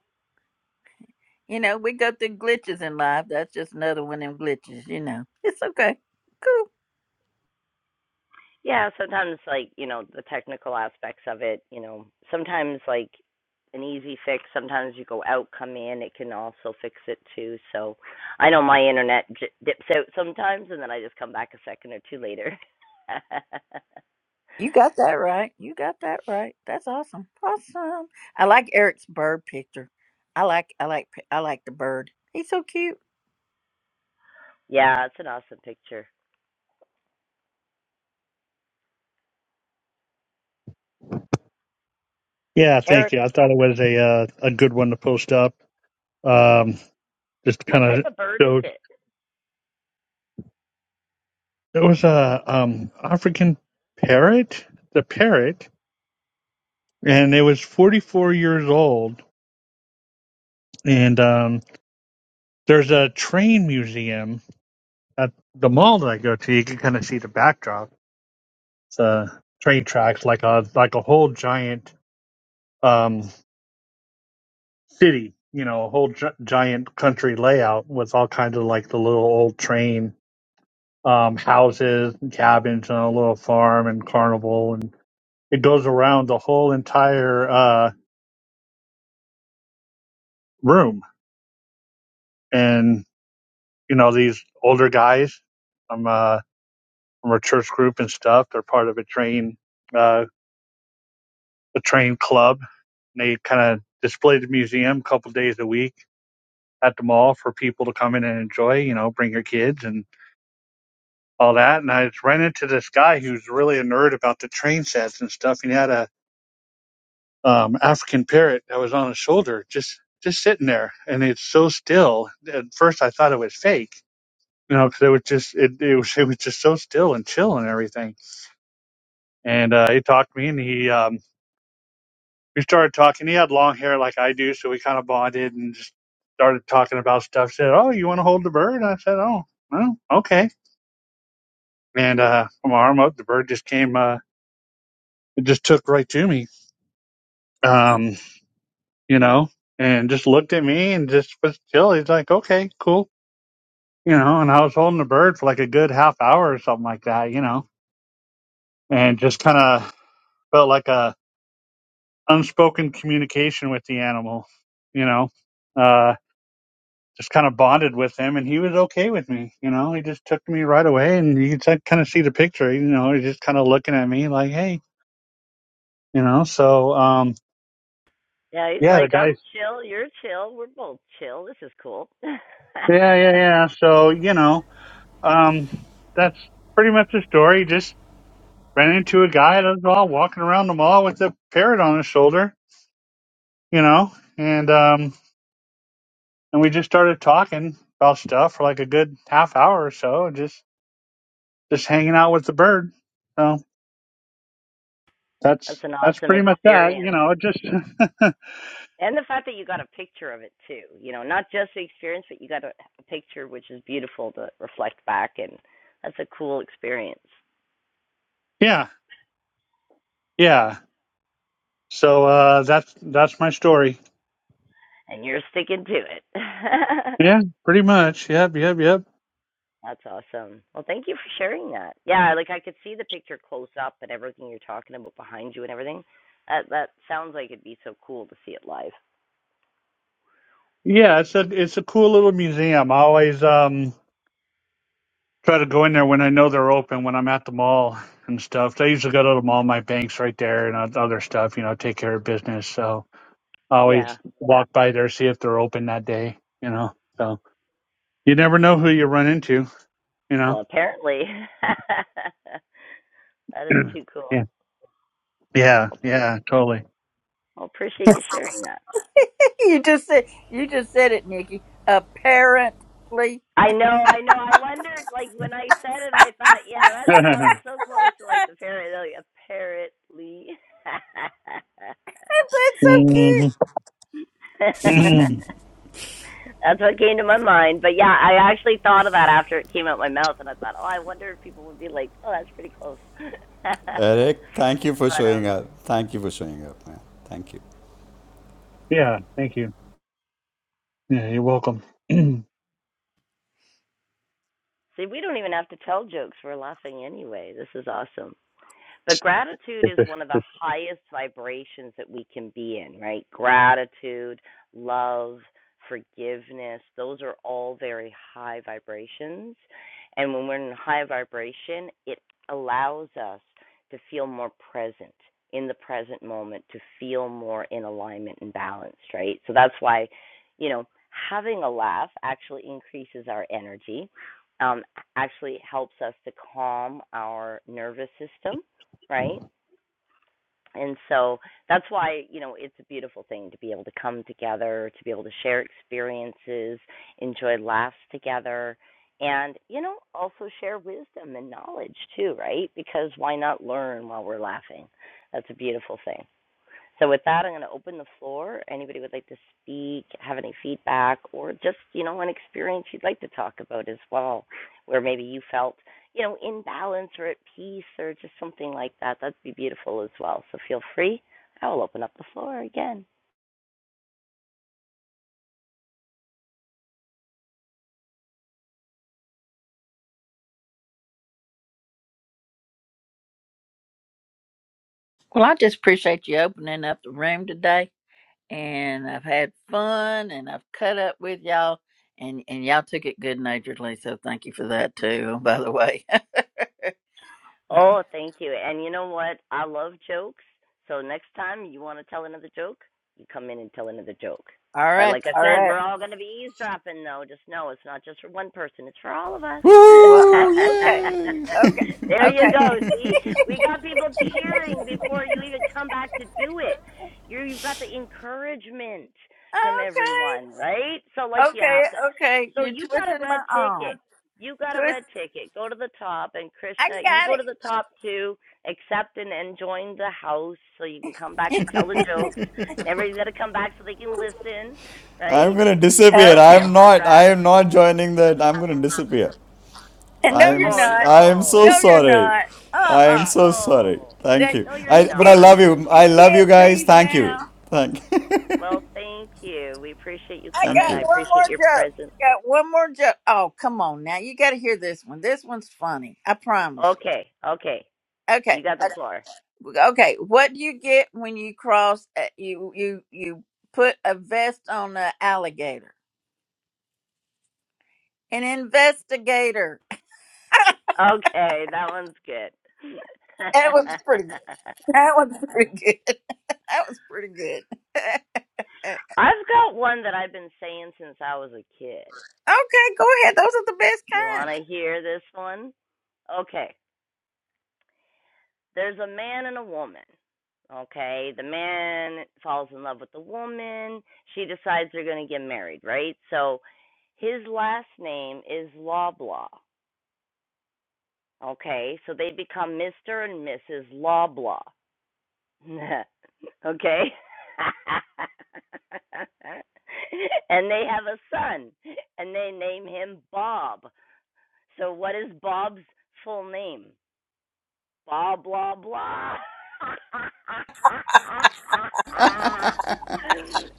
you know we go through glitches in life. That's just another one of them glitches. You know, it's okay. Cool.
Yeah, sometimes like, you know, the technical aspects of it, you know, sometimes like an easy fix, sometimes you go out, come in, it can also fix it too. So I know my internet j- dips out sometimes and then I just come back a second or two later.
You got that right. You got that right. That's awesome. Awesome. I like Eric's bird picture. I like, I like, I like the bird. He's so cute.
yeah, it's an awesome picture.
Yeah.
Eric,
Thank you. I thought it was a uh, a good one to post up. Um, just
what
kind
type
of
of bird is
showed
it?
there was a um African parrot, the parrot. and it was 44 years old. And um, there's a train museum at the mall that I go to. You can kind of see the backdrop, it's, uh, train tracks, like a like a whole giant um, city. You know, a whole gi- giant country layout with all kinds of like the little old train um, houses and cabins and a little farm and carnival, and it goes around the whole entire uh, room. And you know, these older guys. I'm uh, from our church group and stuff. They're part of a train, uh, a train club. And they kind of display the museum a couple days a week at the mall for people to come in and enjoy, you know, bring your kids and all that. And I just ran into this guy who's really a nerd about the train sets and stuff. And he had a, um, African parrot that was on his shoulder, just, just sitting there. And it's so still. At first I thought it was fake, you know, because it was just, it, it was, it was just so still and chill and everything. And, uh, he talked to me and he, um, we started talking. He had long hair like I do, so we kind of bonded and just started talking about stuff. Said, "Oh, you want to hold the bird?" I said, "Oh, well, okay." And uh, put my arm up, the bird just came. Uh, it just took right to me, um, you know, and just looked at me and just was chill. He's like, "Okay, cool," you know. And I was holding the bird for like a good half hour or something like that, you know, and just kind of felt like a unspoken communication with the animal, you know. Uh, just kind of bonded with him and he was okay with me. You know, he just took me right away and you could kind of see the picture, you know, he's just kind of looking at me like, Hey, you know, so, um,
Yeah, he's
yeah, the
like, I'm
guys,
chill, you're chill, we're both chill. This is cool.
yeah, yeah,
That's
yeah. So, you know, um, that's pretty much the story. Just ran into a guy that was all walking around the mall with a parrot on his shoulder, you know, and, um, and we just started talking about stuff for like a good half hour or so, just, just hanging out with the bird. So. That's
an
that's
awesome
pretty much that.
experience.
You know, it just
and the fact that you got a picture of it too you know not just the experience but you got a, a picture which is beautiful to reflect back and that's a cool experience
yeah, yeah. So uh, that's that's my story.
and you're sticking to it
Yeah, pretty much. Yep, yep, yep.
that's awesome well thank you for sharing that yeah like i could see the picture close up and everything you're talking about behind you and everything that that sounds like it'd be so cool to see it live
Yeah, it's a it's a cool little museum. I always um try to go in there when I know they're open when I'm at the mall and stuff. So I usually go to the mall. My bank's right there and oth- other stuff. You know, take care of business. So I
yeah
always walk by there see if they're open that day. You know, so you never know who you run into. You
well
know.
apparently that is too cool
yeah. Yeah.
well, thank,
Yeah. Totally.
well appreciate you sharing that
You just said you just said it, Nikki. Apparently,
I know, I know. I wondered, like when I said it, I thought, yeah, that sounds so close to like the parrot. Apparently,
That's so cute.
Mhm. Mhm.
that's what came to my mind. But yeah, I actually thought of that after it came out my mouth, and I thought, oh, I wonder if people would be like, oh, that's pretty close. but
Eric, thank you for showing
um,
up. Thank you for showing up, man. Thank you.
Yeah, thank you. Yeah, you're welcome.
see, we don't even have to tell jokes. We're laughing anyway. This is awesome. But gratitude is one of the highest vibrations that we can be in, right? Gratitude, love, forgiveness, those are all very high vibrations. And when we're in high vibration, it allows us to feel more present in the present moment, to feel more in alignment and balanced, right? So that's why, you know, having a laugh actually increases our energy. Um, actually helps us to calm our nervous system right? And so that's why, you know, it's a beautiful thing to be able to come together, to be able to share experiences, enjoy laughs together, and, you know, also share wisdom and knowledge too, right? Because why not learn while we're laughing? That's a beautiful thing. So with that, I'm going to open the floor. Anybody would like to speak, have any feedback, or just you know an experience you'd like to talk about as well, where maybe you felt you know in balance or at peace or just something like that. That'd be beautiful as well. So feel free. I will open up the floor again.
Well, I just appreciate you opening up the room today, and I've had fun, and I've cut up with y'all, and and y'all took it good naturedly. So thank you for that too. By the way,
Oh, thank you. And you know what? I love jokes. So next time you want to tell another joke, you come in and tell another joke.
all
But
right,
like I
all
said,
right.
we're all going to be eavesdropping, though. Just know it's not just for one person, it's for all of us.
Well,
Woo!
uh, okay,
Yay!
okay,
there you
okay,
go. See? We got people cheering before you even come back to do it. You're, you've got the encouragement from everyone, right? So, like,
okay,
you
okay,
have to.
okay.
So,
You're
you got a
twisting
red
my
ticket.
arm.
You got a
Twist.
red ticket. Go to the top, and
I
Krishna, you
got
go to the top too. Accept and, and join the house so you can come back and tell the
it.
jokes. And everybody's got to come back so they can listen,
I'm
right?
gonna
And
disappear.
we'll
Okay.
share
I'm
more
not. I am
gratitude.
not joining that. I'm gonna disappear.
no,
I am.
you're
Oh,
s-
not.
I am so
no.
No, you're
sorry.
not. Uh
I am
uh
so sorry.
No.
Thank
That
you.
No, you're
I.
you
But I
can't
love
not.
you.
you
I love you
can't
guys.
leave
Thank you.
now.
Thank.
Well, thank you. We appreciate you
I
Thank
coming.
got
I
you.
one
appreciate
more
your
joke.
presence.
Got one more joke. Oh, come on now. You gotta hear this one. This one's funny. I promise you.
Okay. Okay. You
Okay.
got the floor.
Okay. What do you get when you cross uh, you you you put a vest on an alligator? An investigator.
Okay. That one's good.
That was pretty good. That was pretty good. That was pretty good. okay,
I've got one that I've been saying since I was a kid.
go ahead. Those are the best
You
kind.
want to hear this one? Okay. There's a man and a woman. Okay. The man falls in love with the woman. She decides they're going to get married, right? So his last name is Loblaw. Okay. So they become Mr. and Mrs. Loblaw. okay. and they have a son and they name him Bob. So what is Bob's full name? Blah blah blah.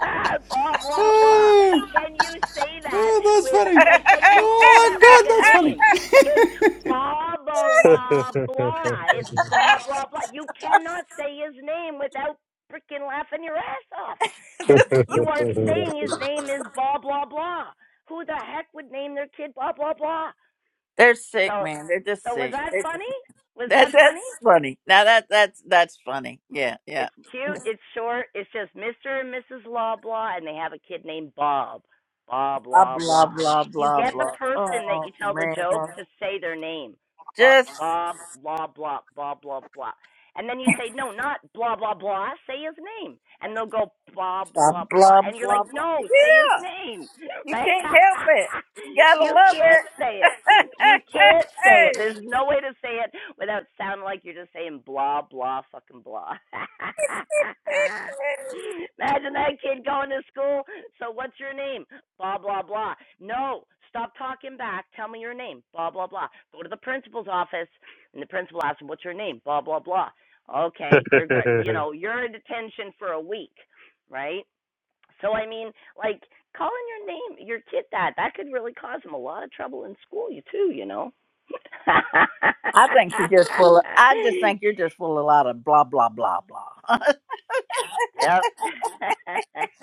ah, blah blah blah.
Oh,
Can you say that
oh, that's
with
funny.
like? Can you say
Oh my
that like
God,
a
that's funny.
name? It's blah blah blah. It's blah blah blah. You cannot say his name without freaking laughing your ass off because you are saying his name is blah blah blah. Who the heck would name their kid blah blah blah?
They're sick,
So,
man. They're just
so was
sick.
that
They're just-
funny? Was that
That
funny?
that's funny. Now that that's that's funny. Yeah, yeah.
It's cute. It's short. It's just Mr. and Mrs. blah blah, and they have a kid named Bob. Bob
Blah
blah
blah
blah.
blah
You
blah
get the
blah.
person that
Oh
you tell the
man,
joke to say their name. Bob
just
Bob blah blah blah blah blah. And then you say no, not blah blah blah. Say his name, and they'll go blah
blah
blah blah.
blah
And you're
blah.
like,
blah.
no, say his
Yeah,
name,
you
right?
can't help it. You gotta
you
love
can't
it.
say it you can't say it. There's no way to say it without sounding like you're just saying blah blah fucking blah. Imagine that kid going to school. So what's your name? Blah blah blah. No, stop talking back. Tell me your name. Blah blah blah. Go to the principal's office, and the principal asks him, "What's your name?" Blah blah blah. Okay, you're great. You know, you're in detention for a week, right? So I mean, like calling your name your kid that that could really cause him a lot of trouble in school. You too, you know.
I think you're just full. Of, I just think you're just full of a lot of blah blah blah blah.
yep.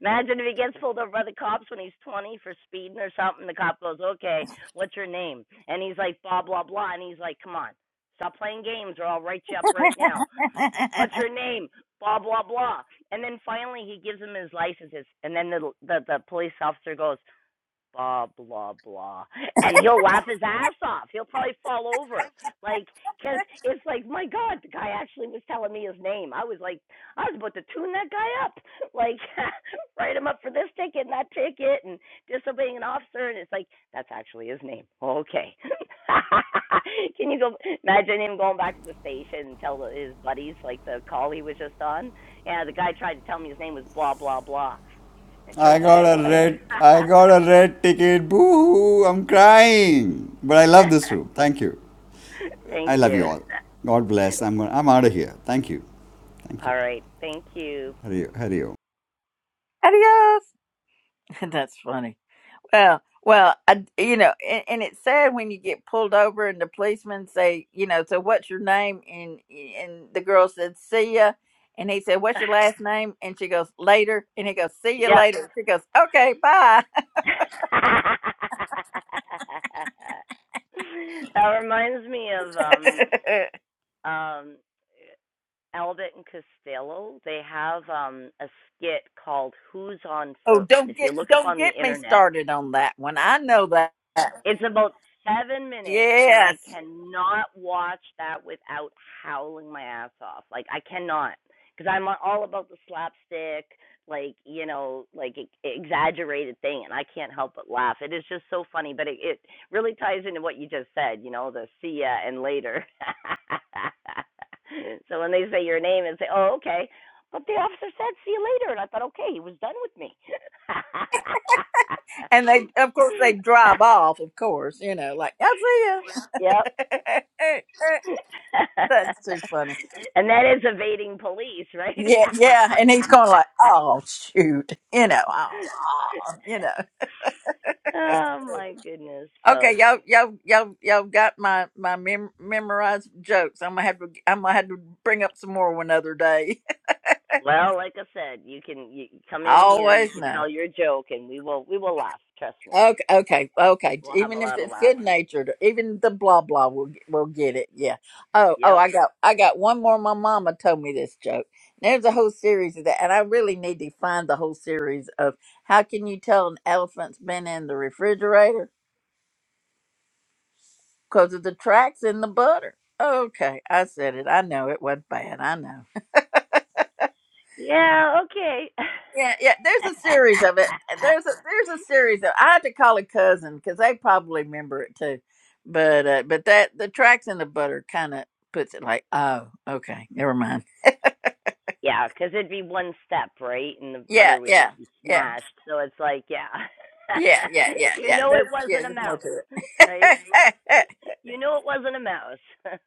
Imagine if he gets pulled over by the cops when he's 20 for speeding or something. The cop goes, "Okay, what's your name?" And he's like, "Blah blah blah." And he's like, "Come on, stop playing games, or I'll write you up right now." What's your name? Blah blah blah. And then finally, he gives him his licenses, and then the the, the police officer goes blah blah blah and he'll laugh his ass off he'll probably fall over like because it's like my god the guy actually was telling me his name i was like i was about to tune that guy up like write him up for this ticket and that ticket and disobeying an officer and it's like that's actually his name okay can you go imagine him going back to the station and tell his buddies like the call he was just on yeah the guy tried to tell me his name was blah blah blah it turns out it was. Thank you. All right. Thank you.
Adios. That's funny. Well, well, I, you know, and, and it's sad when you get pulled over and the policeman say, you know, so what's your name? And and the girl said, see ya. And he said, what's your last name? And she goes, later. And he goes, see you
Yep.
later. She goes, okay, bye.
that reminds me of um um Albert and Costello. They have um a skit called Who's on
oh,
First.
don't
If you
get
look up
don't
on the
get me
internet,
started on that one. I know that.
It's about seven minutes, and I
Yes.
cannot watch that without howling my ass off. Like I cannot, because I'm all about the slapstick, like you know, like e- exaggerated thing, and I can't help but laugh. It is just so funny, but it, it really ties into what you just said. You know, the see ya and later. so when they say your name and say, oh okay, but the officer said see you later, and I thought okay, he was done with me.
And they, of course, they drive off. Of course, you know, like I'll see ya.
yep,
That's too funny.
and that is evading police, right?
Yeah, yeah, and he's going like, "Oh shoot," you know, oh, you know.
oh my goodness.
Okay,
So,
y'all, y'all, y'all, y'all got my my mem- memorized jokes. I'm gonna have to, I'm gonna have to bring up some more one other day.
well, like I said, you can you you come
I
in here, you
always
can
know.
tell your joke and we will we will laugh, trust me.
Okay, okay, okay.
We'll have a
Even if
lot of
it's
laughs.
good natured, even the blah blah will get- will get it. Yeah. Oh, oh,
Yep.
I got, I got one more. My mama told me this joke. There's a whole series of that, and I really need to find the whole series of how can you tell an elephant's been in the refrigerator because of the tracks in the butter. Okay, I said it. I know it wasn't bad. I know.
Yeah, okay.
Yeah, yeah. There's a series of it. There's a there's a series of. I had to call a cousin because they probably remember it too. But uh, but that the tracks in the butter kind of puts it like, oh, okay, never mind.
yeah, cuz it'd be one step, right? And the
Yeah,
butter would just
yeah,
be
yeah,
smashed. So it's like, yeah.
yeah, yeah, yeah,
you
yeah.
know it
There's yeah,
wasn't a
there's more
mouse,
to
right?
it.
You know it wasn't a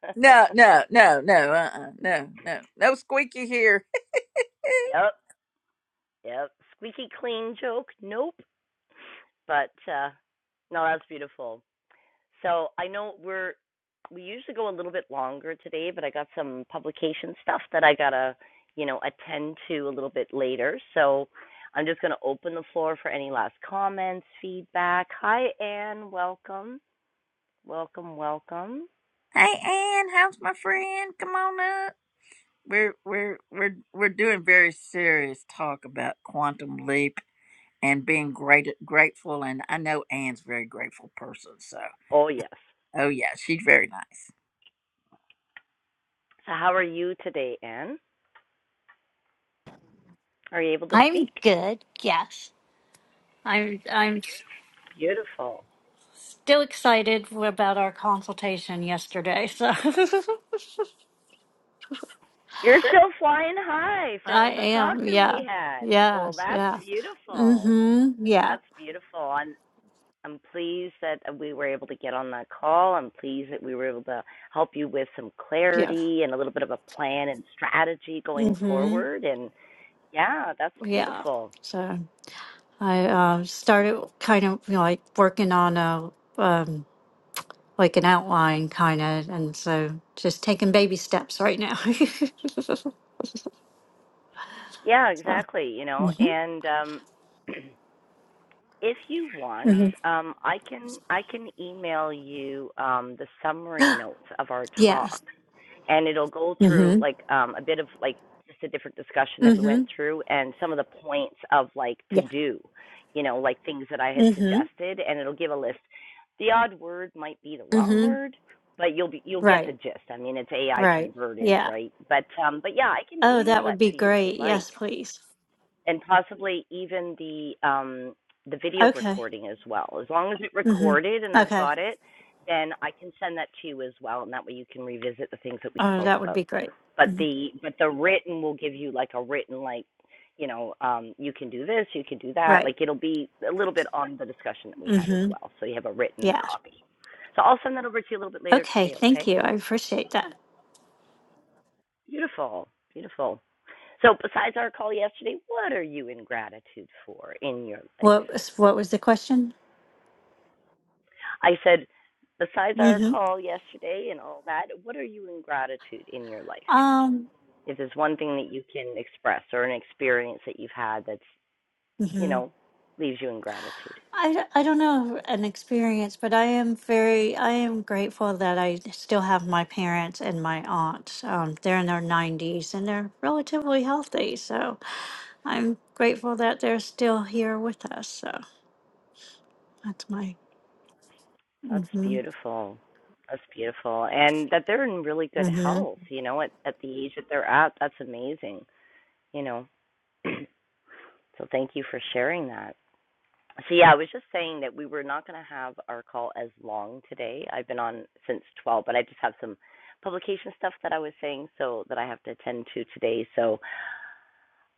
no, no, no, no, uh, uh no, no, no squeaky here.
Yep, yep. Squeaky clean joke. Nope. But uh no, that's beautiful. So I know we're we usually go a little bit longer today, but I got some publication stuff that I gotta, you know, attend to a little bit later. So I'm just gonna open the floor for any last comments, feedback. Hi Anne, welcome. Welcome, welcome.
Hey, Ann, how's my friend? Come on we're we're we're we're doing very serious talk about quantum leap and being great grateful and I know Anne's a very grateful person so
Oh yes.
oh yeah she's very nice
So how are you today, Anne? Are you able to
I'm
speak?
good. Yes, I'm. I'm
Beautiful.
still excited about our consultation yesterday. So
You're still flying high
I
from the talk
am.
that
Yeah.
we had. Well,
Yes.
that's
Yeah.
beautiful.
Mm-hmm. Yeah.
That's beautiful. I'm I'm pleased that we were able to get on that call. I'm pleased that we were able to help you with some
Yes.
clarity and a little bit of a plan and strategy going
Mm-hmm.
forward. And yeah, that's
Yeah.
beautiful.
So I uh, started kind of you know, like working on a um, like an outline kind of, and so just taking baby steps right now.
Yeah,
so.
exactly. You know,
Mm-hmm.
and um, if you want,
Mm-hmm.
um, I can I can email you um, the summary notes of our talk
Yes.
and it'll go through
Mm-hmm.
like um, a bit of like just a different discussion that we
Mm-hmm.
went through and some of the points of like to
Yeah.
do, you know, like things that I had
Mm-hmm.
suggested, and it'll give a list. The odd word might be the wrong
mm-hmm.
word, but you'll be you'll get the
Right,
gist. I mean, it's AI
right.
converted,
Yeah.
right? But um, but yeah, I can
Oh,
email
that
that
would be
to you if
great.
you'd
Yes,
like
please.
and possibly even the um the video
Okay.
recording as well. As long as it recorded and
Mm-hmm.
I've
Okay.
got it, then I can send that to you as well, and that way you can revisit the things that we
Oh,
spoke
that would
about.
be great.
But the but the written will give you like a written like, you know, um, you can do this, you can do that.
Right.
Like it'll be a little bit on the discussion that we had as
Mm-hmm.
well. So you have a written
Yeah.
copy. So I'll send that over to you a little bit later
Okay.
today,
Thank
okay?
you. I appreciate that.
Beautiful, beautiful. So besides our call yesterday, what are you in gratitude for in your life?
What was what was the question?
I said, besides our
Mm-hmm.
call yesterday and all that, what are you in gratitude in your life?
Um.
If there's one thing that you can express or an experience that you've had that's, you
Mm-hmm.
know, leaves you in gratitude.
I, d- I don't know an experience, but I am very I am grateful that I still have my parents and my aunts. Um, they're in their nineties and they're relatively healthy, so I'm grateful that they're still here with us. So. That's my.
That's
Mm-hmm.
beautiful. That's beautiful. And that they're in really good
Mm-hmm.
health, you know, at, at the age that they're at, that's amazing, you know. so thank you for sharing that. So yeah, I was just saying that we were not going to have our call as long today. I've been on since 12, but I just have some publication stuff that I was saying so that I have to attend to today. So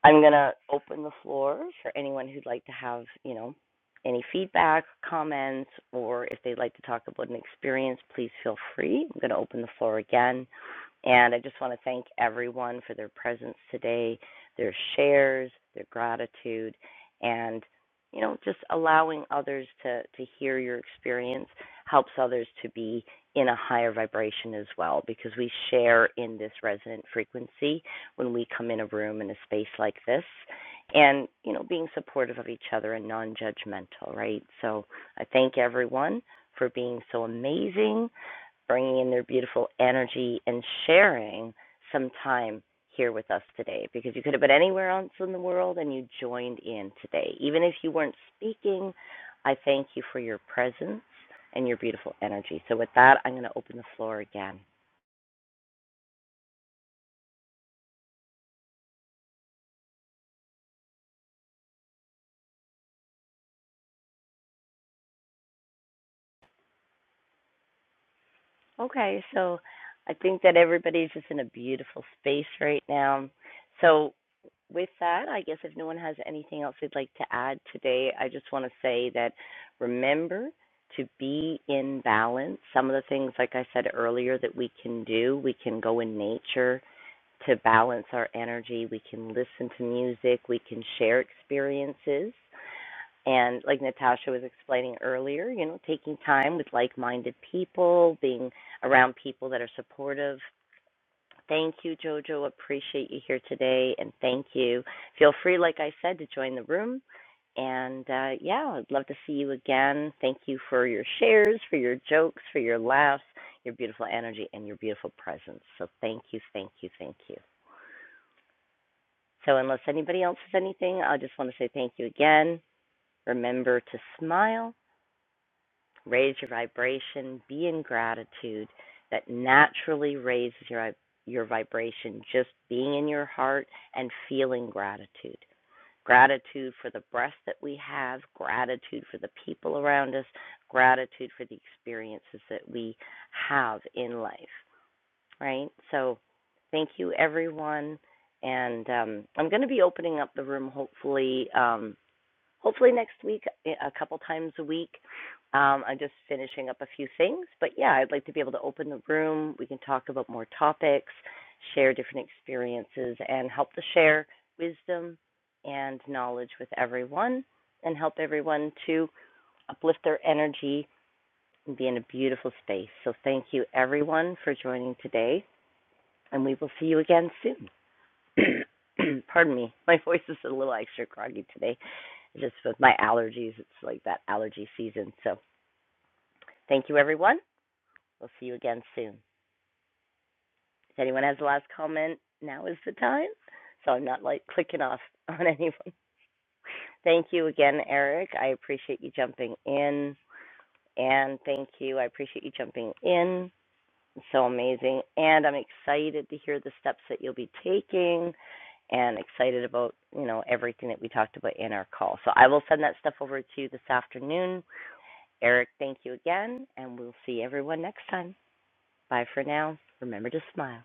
I'm going to open the floor for anyone who'd like to have, you know, any feedback, comments, or if they'd like to talk about an experience, please feel free. I'm going to open the floor again. And I just want to thank everyone for their presence today, their shares, their gratitude, and you know, just allowing others to to hear your experience helps others to be in a higher vibration as well because we share in this resonant frequency when we come in a room in a space like this and you know being supportive of each other and non-judgmental right so i thank everyone for being so amazing bringing in their beautiful energy and sharing some time here with us today because you could have been anywhere else in the world and you joined in today even if you weren't speaking i thank you for your presence and your beautiful energy so with that i'm going to open the floor again Okay, so I think that everybody's just in a beautiful space right now. So, with that, I guess if no one has anything else they'd like to add today, I just want to say that remember to be in balance. Some of the things, like I said earlier, that we can do, we can go in nature to balance our energy, we can listen to music, we can share experiences and like Natasha was explaining earlier, you know, taking time with like-minded people, being around people that are supportive. Thank you, Jojo. Appreciate you here today, and thank you. Feel free, like I said, to join the room. And uh, yeah, I'd love to see you again. Thank you for your shares, for your jokes, for your laughs, your beautiful energy, and your beautiful presence. So thank you, thank you, thank you. So unless anybody else has anything, I just want to say thank you again. Remember to smile raise your vibration, be in gratitude that naturally raises your your vibration just being in your heart and feeling gratitude. Gratitude for the breath that we have, gratitude for the people around us, gratitude for the experiences that we have in life, right? So, thank you everyone and um, I'm going to be opening up the room hopefully um, hopefully next week, a couple times a week. Um, I'm just finishing up a few things, but yeah, I'd like to be able to open the room. We can talk about more topics, share different experiences, and help to share wisdom and knowledge with everyone and help everyone to uplift their energy and be in a beautiful space. So, thank you everyone for joining today, and we will see you again soon. Pardon me. My voice is a little extra groggy today, just with my allergies. It's like that allergy season. So, thank you, everyone. We'll see you again soon. If anyone has a last comment, now is the time. So I'm not like clicking off on anyone. Thank you again, Eric. I appreciate you jumping in. And thank you. I appreciate you jumping in. so amazing. And I'm excited to hear the steps that you'll be taking and excited about, you know, everything that we talked about in our call. So I will send that stuff over to you this afternoon. Eric, thank you again, and we'll see everyone next time. Bye for now. Remember to smile.